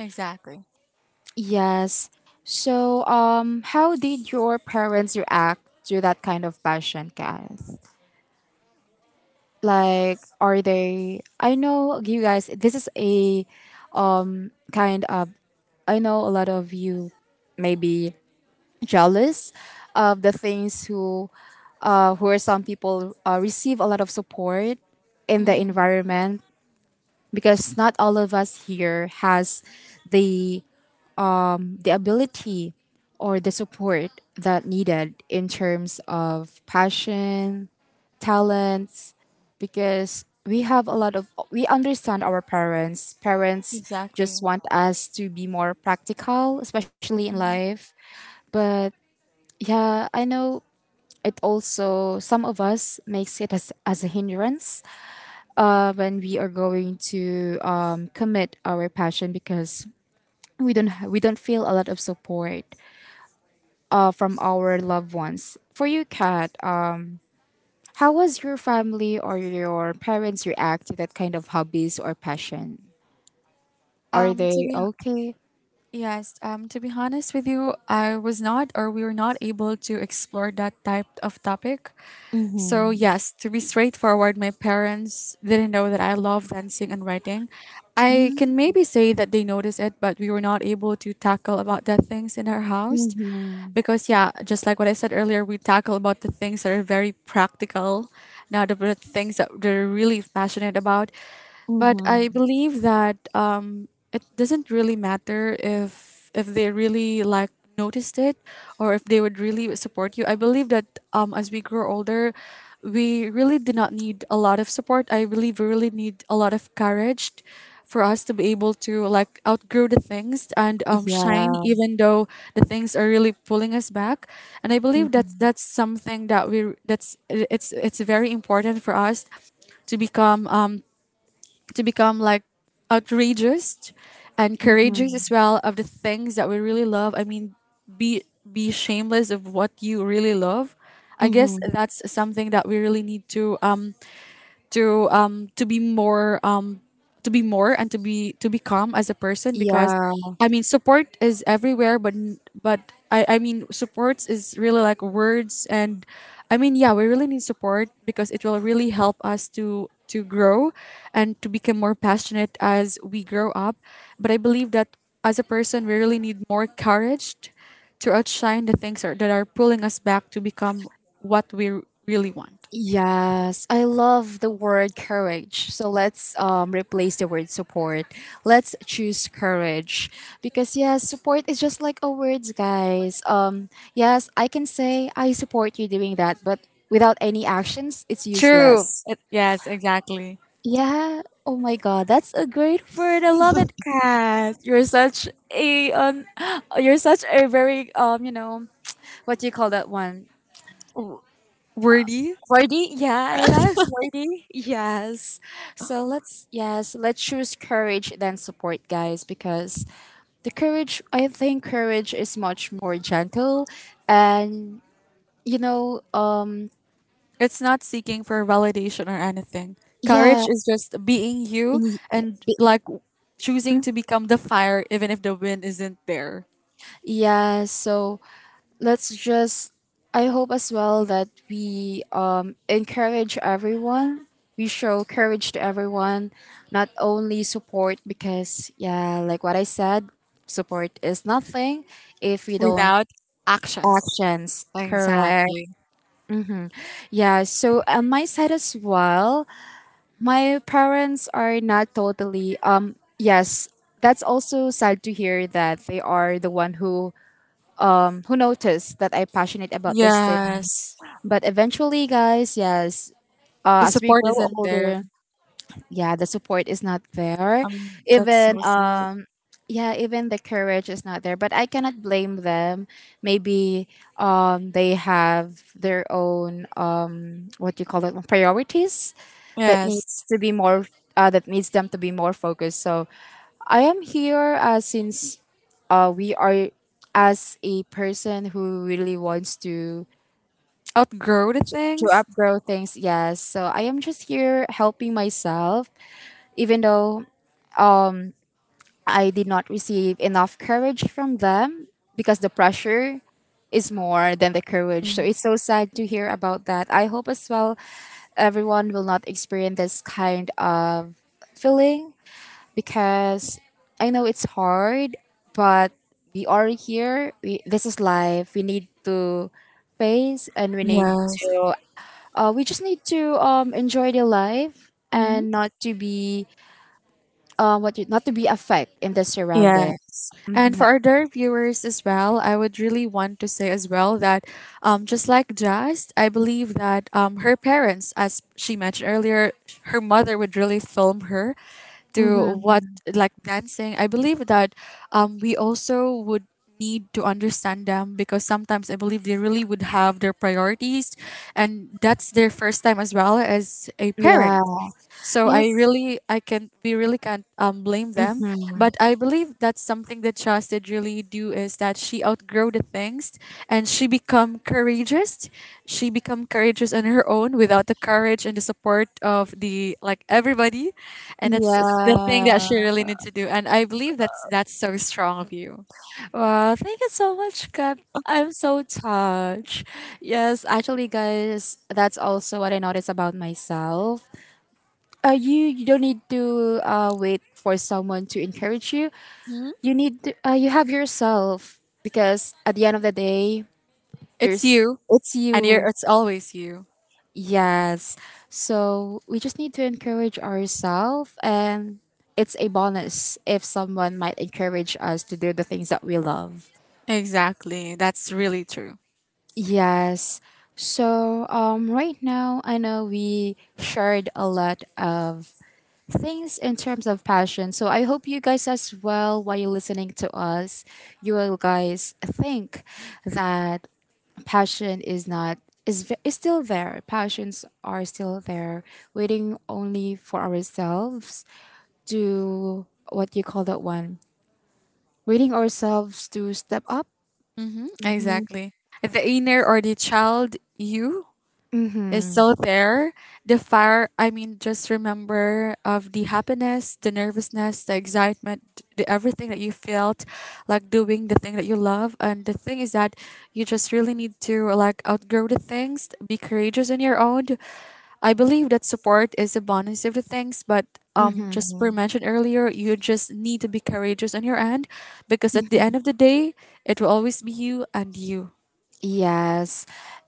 [SPEAKER 2] Exactly.
[SPEAKER 1] Yes. So, how did your parents react to that kind of passion, Kath? Like, are they? I know you guys. This is a kind of. I know a lot of you may be jealous of the things who are some people, receive a lot of support in the
[SPEAKER 2] Mm-hmm.
[SPEAKER 1] environment because not all of us here has the the ability or the support that needed in terms of passion, talents, because we have a lot of we understand our parents. Parents just
[SPEAKER 2] Exactly.
[SPEAKER 1] want us to be more practical, especially in
[SPEAKER 2] Mhm.
[SPEAKER 1] life. But yeah, I know it also some of us makes it as a hindrance when we are going to commit our passion because we don't feel a lot of support from our loved ones. For you, Kat, how was your family or your parents react to that kind of hobbies or passion? Are
[SPEAKER 2] Um, to
[SPEAKER 1] they
[SPEAKER 2] be hon-
[SPEAKER 1] okay?
[SPEAKER 2] yes, to be honest with you, I was not, or we were not able to explore that type of topic. So yes, to be straightforward, my parents didn't know that I love dancing and writing. I can
[SPEAKER 1] Mm-hmm.
[SPEAKER 2] maybe say that they noticed it, but we were not able to tackle about that things in our house. Because yeah, just like what I said earlier, we tackle about the things that are very practical, not about the things that they're really passionate about. But I
[SPEAKER 1] Mm-hmm.
[SPEAKER 2] believe that it doesn't really matter if they really like noticed it, or if they would really support you. I believe that as we grow older, we really did not need a lot of support. I believe we really need a lot of courage for us to be able to like outgrow the things, and shine,
[SPEAKER 1] Yeah.
[SPEAKER 2] even though the things are really pulling us back, and I believe that that's something that we that's it's very important for us to become like outrageous and courageous
[SPEAKER 1] Mm-hmm.
[SPEAKER 2] as well of the things that we really love. I mean, be shameless of what you really love. I guess
[SPEAKER 1] Mm-hmm.
[SPEAKER 2] that's something that we really need to be more, to be more, and to be to become as a person, because
[SPEAKER 1] Yeah.
[SPEAKER 2] I mean, support is everywhere, but but I mean supports is really like words, and I mean, yeah, we really need support because it will really help us to grow, and to become more passionate as we grow up, but I believe that as a person we really need more courage to outshine the things are, that are pulling us back, to become what we really want.
[SPEAKER 1] Yes, I love the word courage. So let's replace the word support. Let's choose courage because, yes, support is just like a words, guys. Yes, I can say I support you doing that, but without any actions, it's
[SPEAKER 2] True.
[SPEAKER 1] useless.
[SPEAKER 2] It, yes, exactly.
[SPEAKER 1] Yeah. Oh my God, that's a great word. I love it, Kat. You're such a (gasps) you're such a very what do you call that one?
[SPEAKER 2] Worthy.
[SPEAKER 1] Wordy, yeah, I love wordy. Yes. So let's, yes, let's choose courage than support, guys, because the courage, I think courage is much more gentle and you know, um
[SPEAKER 2] It's not seeking for validation or anything.
[SPEAKER 1] yeah.
[SPEAKER 2] Courage is just being you,
[SPEAKER 1] in-
[SPEAKER 2] and like choosing to become the fire even if the wind isn't there.
[SPEAKER 1] Yeah, so let's just, I hope as well that we encourage everyone, we show courage to everyone, not only support, because yeah, like what I said, support is nothing if we don't.
[SPEAKER 2] Without actions.
[SPEAKER 1] Actions, correct.
[SPEAKER 2] Exactly.
[SPEAKER 1] Mm-hmm. Yeah, so on my side as well, my parents are not totally yes, that's also sad to hear that they are the one who noticed that I'm passionate about these things.
[SPEAKER 2] Yes.
[SPEAKER 1] But eventually, guys, yes,
[SPEAKER 2] The
[SPEAKER 1] as we
[SPEAKER 2] support
[SPEAKER 1] grow
[SPEAKER 2] isn't there.
[SPEAKER 1] older, yeah, the support is not there.
[SPEAKER 2] That's
[SPEAKER 1] Even
[SPEAKER 2] so sad.
[SPEAKER 1] yeah, even the courage is not there. But I cannot blame them. Maybe they have their own, what do you call it, priorities that
[SPEAKER 2] Yes.
[SPEAKER 1] needs to be more. That needs them to be more focused. So I am here, since, we are, as a person who really wants to
[SPEAKER 2] Outgrow the
[SPEAKER 1] to
[SPEAKER 2] things.
[SPEAKER 1] upgrow things. Yes, so I am just here helping myself even though, um I did not receive enough courage from them because the pressure is more than the courage. So
[SPEAKER 2] Mm.
[SPEAKER 1] it's so sad to hear about that. I hope as well everyone will not experience this kind of feeling because I know it's hard, but we are here. This is life. We need to face, and
[SPEAKER 2] Yes.
[SPEAKER 1] we just need to enjoy the life
[SPEAKER 2] Mhm.
[SPEAKER 1] and not to be, what you, not to be affect in the
[SPEAKER 2] Yes.
[SPEAKER 1] surroundings.
[SPEAKER 2] And
[SPEAKER 1] Hmm.
[SPEAKER 2] for other viewers as well, I would really want to say as well that just like Jazz, I believe that her parents, as she mentioned earlier, her mother would really film her through
[SPEAKER 1] Hmm.
[SPEAKER 2] what, like, dancing. I believe that we also would need to understand them, because sometimes I believe they really would have their priorities, and that's their first time as well as a
[SPEAKER 1] Yeah.
[SPEAKER 2] parent, so I
[SPEAKER 1] Yes.
[SPEAKER 2] really, I can, we really can't blame them.
[SPEAKER 1] Mhm.
[SPEAKER 2] But I believe that's something that Chas did really do is that she outgrow the things, and she become courageous. She become courageous on her own without the courage and the support of the like everybody, and the thing
[SPEAKER 1] Yeah.
[SPEAKER 2] that she really need to do. And I believe that's so strong of you.
[SPEAKER 1] Wow. Thank you so much, Cap. I'm so touched. Yes, actually, guys, that's also what I noticed about myself. You don't need to, wait for someone to encourage you.
[SPEAKER 2] Mhm.
[SPEAKER 1] You have yourself because at the end of the day,
[SPEAKER 2] It's
[SPEAKER 1] there's
[SPEAKER 2] you,
[SPEAKER 1] it's
[SPEAKER 2] and you're
[SPEAKER 1] you.
[SPEAKER 2] it's always you.
[SPEAKER 1] Yes. So we just need to encourage ourselves, and it's a bonus if someone might encourage us to do the things that we love.
[SPEAKER 2] Exactly, that's really true.
[SPEAKER 1] Yes. So, right now, I know we shared a lot of things in terms of passion. So I hope you guys as well, while you're listening to us, you will guys think that passion is not, is, is still there. Passions are still there, waiting only for ourselves to, what you call that one, waiting ourselves to step up.
[SPEAKER 2] Mm-hmm,
[SPEAKER 1] Mm-hmm.
[SPEAKER 2] exactly. The inner or the child you is still there. The fire, I mean, just remember of the happiness, the nervousness, the excitement, the everything that you felt like doing the thing that you love. And the thing is that you just really need to like outgrow the things, be courageous on your own. I believe that support is a bonus of the things, but just
[SPEAKER 1] Mm-hmm.
[SPEAKER 2] for mentioned earlier, you just need to be courageous on your end because at the end of the day, it will always be you and you.
[SPEAKER 1] Yes.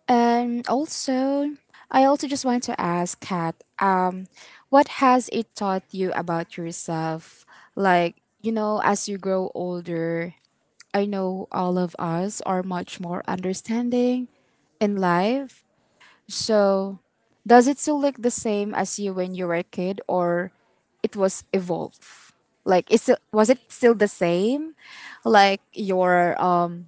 [SPEAKER 1] And also, I also just want to ask Kat, what has it taught you about yourself? Like, as you grow older, I know all of us are much more understanding in life. So, does it still look the same as you when you were a kid, or it was evolved? Like, was it still the same? Like, your,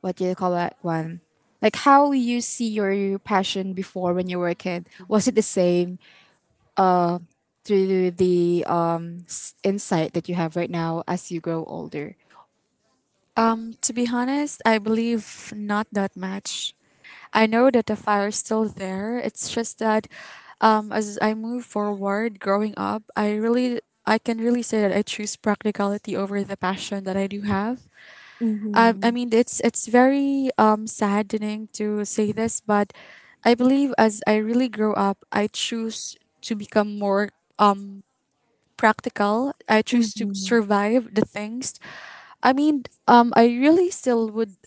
[SPEAKER 1] what do you call that one? Like how you see your passion before when you were a kid. Was it the same through the, insight that you have right now as you grow older?
[SPEAKER 2] To be honest, I believe not that much. I know that the fire is still there. It's just that as I move forward growing up, I can really say that I choose practicality over the passion that I do have. I
[SPEAKER 1] Mm-hmm.
[SPEAKER 2] mean it's very saddening to say this, but I believe as I really grow up, I choose to become more practical. I choose to
[SPEAKER 1] Mm-hmm.
[SPEAKER 2] survive the things. I mean, I really still would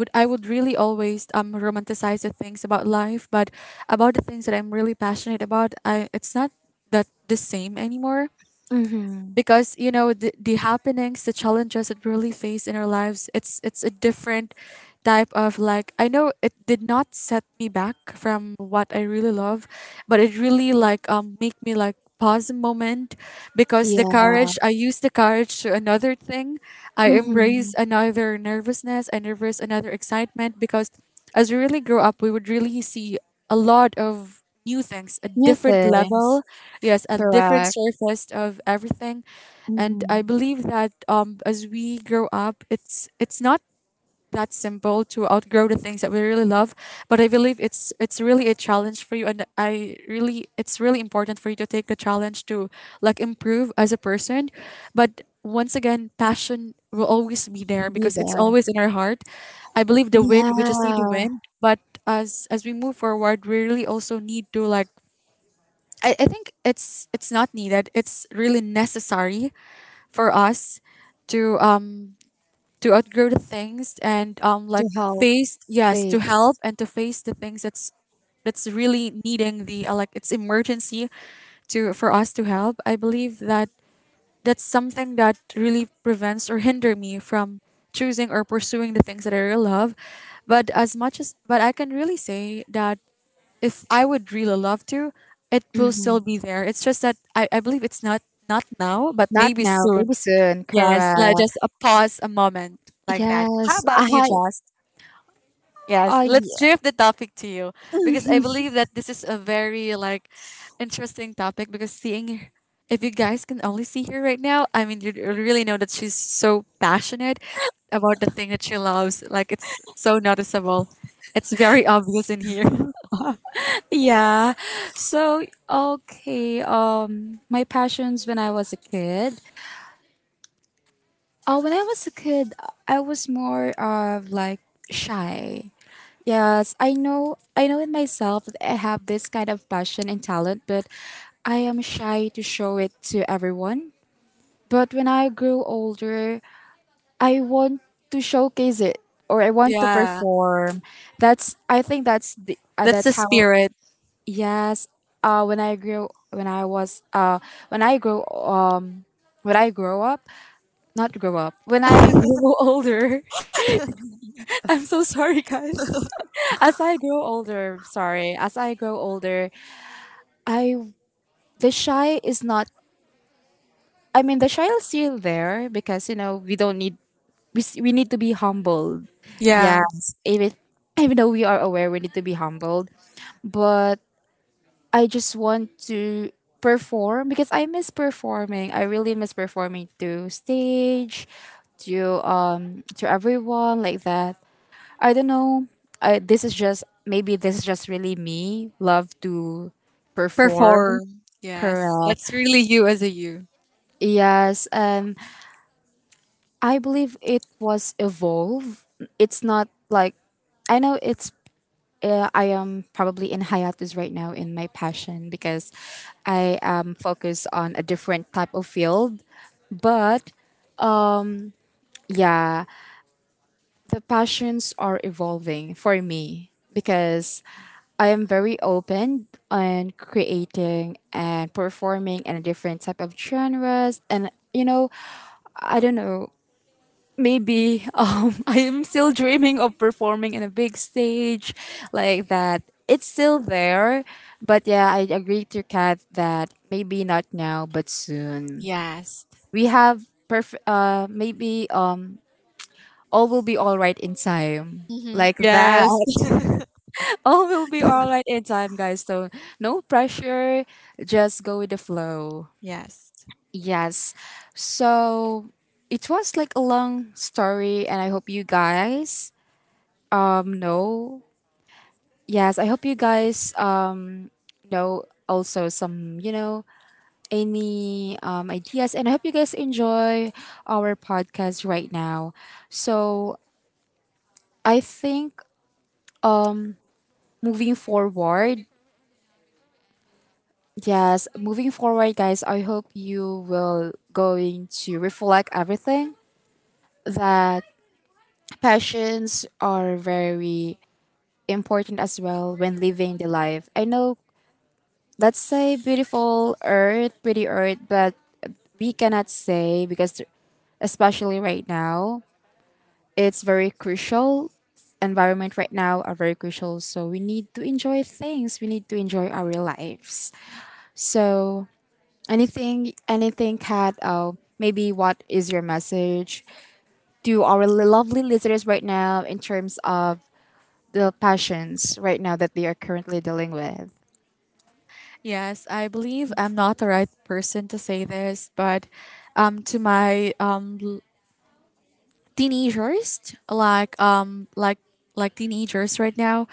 [SPEAKER 2] would I would really always romanticize the things about life, but about the things that I'm really passionate about, I it's not that the same anymore
[SPEAKER 1] Mm-hmm.
[SPEAKER 2] because you know the happenings, the challenges that we really face in our lives, it's a different type of like I know it did not set me back from what I really love, but it really like make me like pause a moment because the
[SPEAKER 1] Yeah.
[SPEAKER 2] courage I use the courage to another thing. I
[SPEAKER 1] Mm-hmm.
[SPEAKER 2] embrace another nervousness, I nervous another excitement because as we really grow up we would really see a lot of new things, a
[SPEAKER 1] New
[SPEAKER 2] different level,
[SPEAKER 1] things.
[SPEAKER 2] yes, a different
[SPEAKER 1] Correct.
[SPEAKER 2] surface of everything. And
[SPEAKER 1] Mm-hmm.
[SPEAKER 2] I believe that as we grow up, it's not that simple to outgrow the things that we really love, but I believe it's really a challenge for you, and I really it's really important for you to take the challenge to like improve as a person. But once again, passion will always be there
[SPEAKER 1] Be
[SPEAKER 2] because it's
[SPEAKER 1] there.
[SPEAKER 2] always in our heart. I believe the wind we just need the
[SPEAKER 1] Yeah.
[SPEAKER 2] wind, but as we move forward we really also need to like I think it's not needed it's really necessary for us to um to outgrow the things and like
[SPEAKER 1] To help.
[SPEAKER 2] face, yes, to help
[SPEAKER 1] Things.
[SPEAKER 2] and to face the things that's really needing the like it's emergency to for us to help. I believe that that's something that really prevents or hinder me from choosing or pursuing the things that I really love. But as much as, but I can really say that if I would really love to, it will still
[SPEAKER 1] Mm-hmm.
[SPEAKER 2] be there. It's just that I believe it's not not now but
[SPEAKER 1] Not
[SPEAKER 2] maybe
[SPEAKER 1] now.
[SPEAKER 2] soon.
[SPEAKER 1] Maybe soon.
[SPEAKER 2] Yes, like
[SPEAKER 1] Correct.
[SPEAKER 2] just a pause, a moment like that. How
[SPEAKER 1] Yes.
[SPEAKER 2] about you,
[SPEAKER 1] I.
[SPEAKER 2] Just? Yes,
[SPEAKER 1] I.
[SPEAKER 2] let's drift the topic to you because I
[SPEAKER 1] (laughs)
[SPEAKER 2] believe that this is a very like interesting topic because seeing if you guys can only see her right now, I mean you really know that she's so passionate about the thing that she loves. Like it's so noticeable. It's very obvious in here. (laughs)
[SPEAKER 1] Yeah. So okay. My passions when I was a kid. When I was a kid, I was more of like shy. Yes, I know. I know in myself that I have this kind of passion and talent, but I am shy to show it to everyone. But when I grew older, I want to showcase it or I want to
[SPEAKER 2] Yeah.
[SPEAKER 1] perform. That's. I think that's the.
[SPEAKER 2] That's the
[SPEAKER 1] That's how.
[SPEAKER 2] spirit.
[SPEAKER 1] Yes, when I grew, when I was, when I grow, um, when I grow up, not grow up, when I grow (laughs) older, (laughs) I'm so sorry, guys. As I grow older, sorry, as I grow older, I the shy is not. I mean, the shy is still there because you know we don't need we need to be humbled. Yes,
[SPEAKER 2] Yeah.
[SPEAKER 1] even though we are aware, we need to be humbled, but I just want to perform because I miss performing. I really miss performing to stage, to everyone like that. I don't know. I this is just maybe this is just really me. Love to perform.
[SPEAKER 2] Perform. Yes.
[SPEAKER 1] Correct.
[SPEAKER 2] That's really you as a you.
[SPEAKER 1] Yes. I believe it was evolve. It's not like I know it's, I am probably in hiatus right now in my passion because I am focused on a different type of field. But yeah, the passions are evolving for me because I am very open on creating and performing in a different type of genres. And, I don't know, maybe (laughs) I am still dreaming of performing in a big stage like that. It's still there, but yeah, I agree to Kat that maybe not now, but soon.
[SPEAKER 2] Yes.
[SPEAKER 1] We have perfect. Maybe all will be all right in time.
[SPEAKER 2] Hmm.
[SPEAKER 1] Like that.
[SPEAKER 2] Yes.
[SPEAKER 1] (laughs) All will be all right in time, guys. So no pressure. Just go with the flow.
[SPEAKER 2] Yes.
[SPEAKER 1] Yes. So it was like a long story, and I hope you guys. No. Yes, I hope you guys know also some, any ideas, and I hope you guys enjoy our podcast right now. So, I think um moving forward, yes, moving forward, guys, I hope you will going to reflect everything that passions are very important as well when living the life. I know, let's say beautiful earth, pretty earth, but we cannot say because especially right now, it's very crucial environment right now are very crucial, so we need to enjoy things, we need to enjoy our lives. So anything kat, maybe what is your message to our lovely listeners right now in terms of the passions right now that they are currently dealing with?
[SPEAKER 2] Yes, I believe I'm not the right person to say this, but to my teenagers, like like teenagers right now,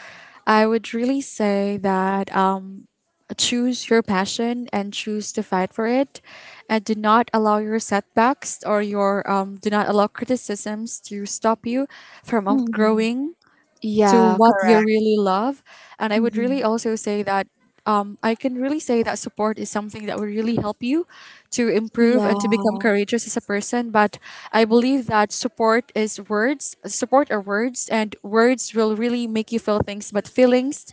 [SPEAKER 2] I would really say that choose your passion and choose to fight for it, and do not allow your setbacks or your do not allow criticisms to stop you from
[SPEAKER 1] Mhm.
[SPEAKER 2] outgrowing to
[SPEAKER 1] Yeah,
[SPEAKER 2] what you
[SPEAKER 1] correct.
[SPEAKER 2] really love. And I would really also say that I can really say that support is something that will really help you to improve and to become
[SPEAKER 1] Yeah.
[SPEAKER 2] courageous as a person. But I believe that support is words, support are words, and words will really make you feel things. But feelings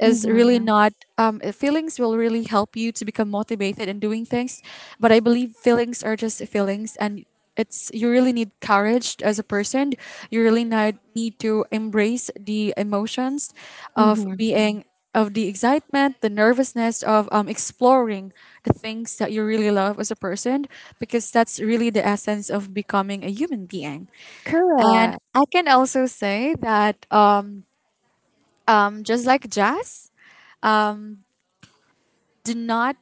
[SPEAKER 2] is really
[SPEAKER 1] Mhm,
[SPEAKER 2] not, feelings will really help you to become motivated in doing things. But I believe feelings are just feelings, and it's you really need courage as a person. You really need to embrace the emotions of
[SPEAKER 1] mhm.
[SPEAKER 2] being of the excitement, the nervousness of exploring the things that you really love as a person because that's really the essence of becoming a human being. And
[SPEAKER 1] Correct.
[SPEAKER 2] I can also say that just like Jazz, do not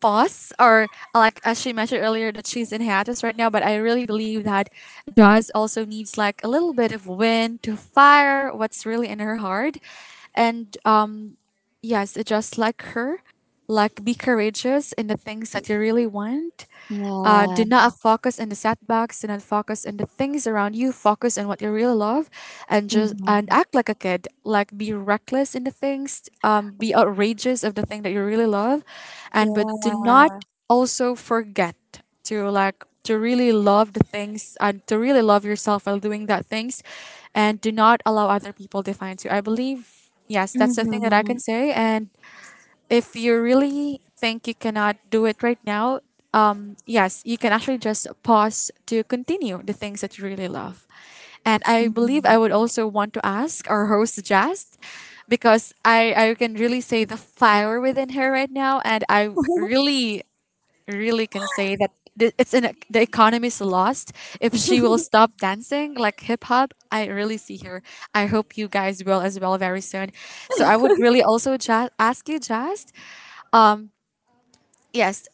[SPEAKER 2] boss or like as she mentioned earlier that she's in hiatus right now, but I really believe that Jazz also needs like a little bit of wind to fire what's really in her heart. And yes, just like her, like be courageous in the things that you really want. Do
[SPEAKER 1] Yeah.
[SPEAKER 2] not focus on the setbacks. Do not focus on the things around you. Focus on what you really love, and just and
[SPEAKER 1] Mhm.
[SPEAKER 2] act like a kid. Like be reckless in the things. Be outrageous of the thing that you really love, and but do not
[SPEAKER 1] Yeah.
[SPEAKER 2] also forget to like to really love the things and to really love yourself while doing that things, and do not allow other people define you. I believe yes, that's the thing that I can
[SPEAKER 1] Mhm,
[SPEAKER 2] say, and if you really think you cannot do it right now, yes, you can actually just pause to continue the things that you really love. And I believe
[SPEAKER 1] mhm.
[SPEAKER 2] I would also want to ask our host Jazz, because I can really say the fire within her right now, and I
[SPEAKER 1] (laughs)
[SPEAKER 2] really, really can say that the economy's lost if she will stop dancing like hip hop. I really see her. I hope you guys will as well very soon. So I would really also just ask you, Jazz, um, yes,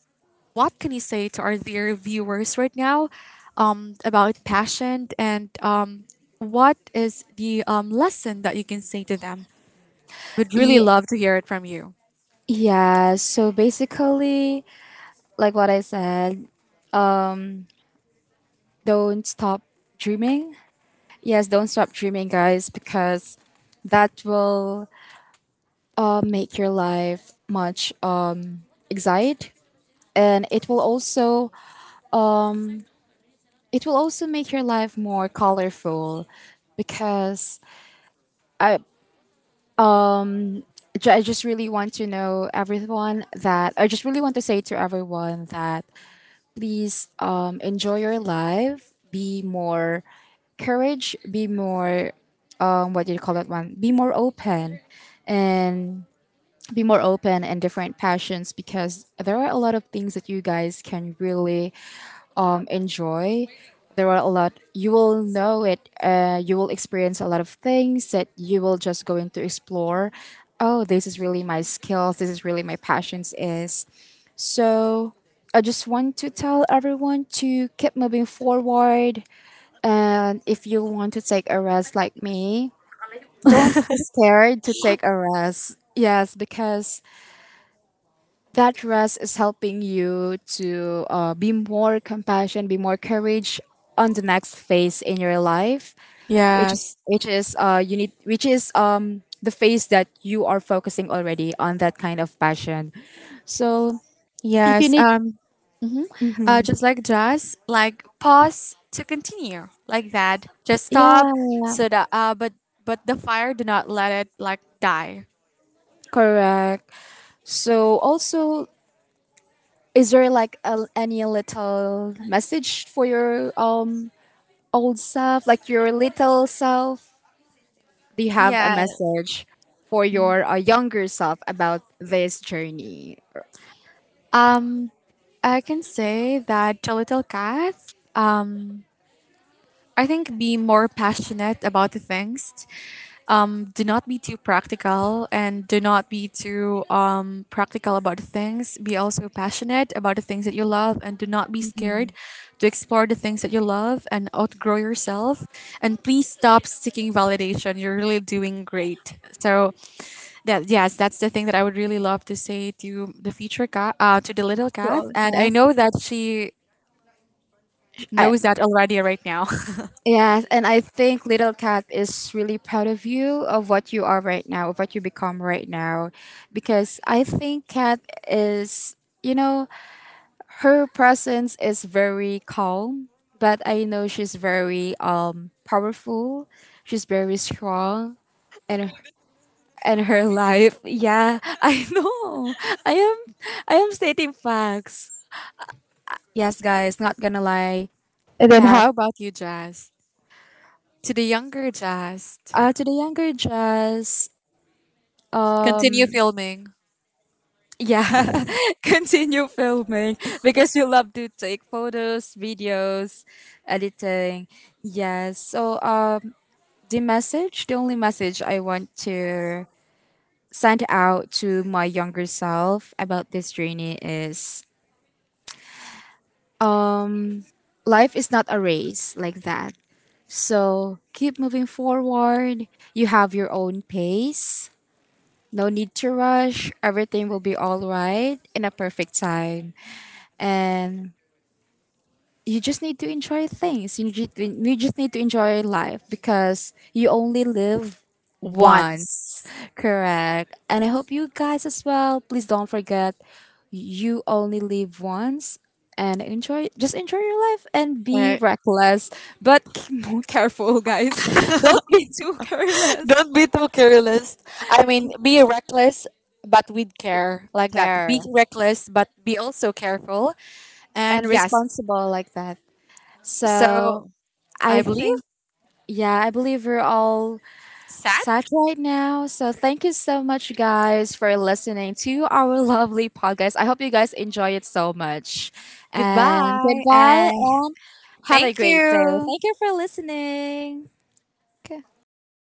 [SPEAKER 2] what can you say to our dear viewers right now about passion and what is the lesson that you can say to them? Would really
[SPEAKER 1] Ye
[SPEAKER 2] love to hear it from you.
[SPEAKER 1] Yeah, so basically, like what I said, don't stop dreaming. Yes, don't stop dreaming, guys, because that will, make your life much, excited, and it will also, it will also make your life more colorful. Because I, I just really want to know everyone, that I just really want to say to everyone that please, enjoy your life, be more courage, be more, what do you call that one? Be more open, and be more open and different passions, because there are a lot of things that you guys can really, enjoy. There are a lot, you will know it, you will experience a lot of things that you will just going to explore. Oh, this is really my skills, this is really my passions is. So I just want to tell everyone to keep moving forward. And if you want to take a rest like me, don't be
[SPEAKER 2] (laughs)
[SPEAKER 1] scared to take a rest. Yes, because that rest is helping you to, be more compassion, be more courage on the next phase in your life, which is
[SPEAKER 2] Yes,
[SPEAKER 1] which is you need, which is, the phase that you are focusing already on that kind of passion. So if you
[SPEAKER 2] yes.
[SPEAKER 1] need,
[SPEAKER 2] Mhm. Just like Jazz, like pause to continue, like that. Just stop,
[SPEAKER 1] yeah,
[SPEAKER 2] so that but the fire do not let it like die.
[SPEAKER 1] correct. So also, is there like a, any little message for your, old self, like your little self? Do you have a
[SPEAKER 2] Yeah.
[SPEAKER 1] message for your, younger self about this journey?
[SPEAKER 2] Um, I can say that the little Cat. Um, I think be more passionate about the things. Do not be too practical and do not be too practical about the things. Be also passionate about the things that you love and do not be
[SPEAKER 1] Mhm.
[SPEAKER 2] scared to explore the things that you love and outgrow yourself. And please stop seeking validation. You're really doing great. So, that yes, that's the thing that I would really love to say to the future Kath, to the little
[SPEAKER 1] So
[SPEAKER 2] Kath. And I
[SPEAKER 1] all
[SPEAKER 2] know that she
[SPEAKER 1] I,
[SPEAKER 2] knows that already right now.
[SPEAKER 1] yes, and I think Little Cat is really proud of you, of what you are right now, of what you become right now, because I think Cat is, you know, her presence is very calm, but I know she's very, powerful. She's very strong, and and her life. Yeah, (laughs) I know. I am I am stating facts. Yes, guys, not gonna lie.
[SPEAKER 2] (laughs) And then
[SPEAKER 1] Kath,
[SPEAKER 2] how about you, Jazz? To the younger Just,
[SPEAKER 1] to the younger Jazz, um,
[SPEAKER 2] continue filming
[SPEAKER 1] yeah, (laughs) continue filming because you love to take photos, videos, editing. Yes, so the message, the only message I want to send out to my younger self about this journey is, um life is not a race, like that. So keep moving forward, you have your own pace, no need to rush, everything will be all right in a perfect time. And you just need to enjoy things. You just need to enjoy life because you only live once.
[SPEAKER 2] once.
[SPEAKER 1] Correct. And I hope you guys as well. Please don't forget, you only live once, and enjoy, just enjoy your life and be
[SPEAKER 2] Uh,
[SPEAKER 1] reckless, but (laughs) more careful, guys, don't be too (laughs)
[SPEAKER 2] (laughs)
[SPEAKER 1] careless,
[SPEAKER 2] don't be too careless. I mean be reckless but with care, like that. Be
[SPEAKER 1] care
[SPEAKER 2] reckless but be also careful, and
[SPEAKER 1] and
[SPEAKER 2] yes,
[SPEAKER 1] responsible, like that. So
[SPEAKER 2] so
[SPEAKER 1] I
[SPEAKER 2] I believe
[SPEAKER 1] think, yeah, I believe we're all
[SPEAKER 2] that
[SPEAKER 1] sad right now. So thank you so much, guys, for listening to our (laughs) lovely podcast. I hope you guys enjoy it so much. And
[SPEAKER 2] goodbye
[SPEAKER 1] goodbye,
[SPEAKER 2] and
[SPEAKER 1] and have a
[SPEAKER 2] thank
[SPEAKER 1] great day.
[SPEAKER 2] you.
[SPEAKER 1] Thank you for listening.
[SPEAKER 2] K- goodbye.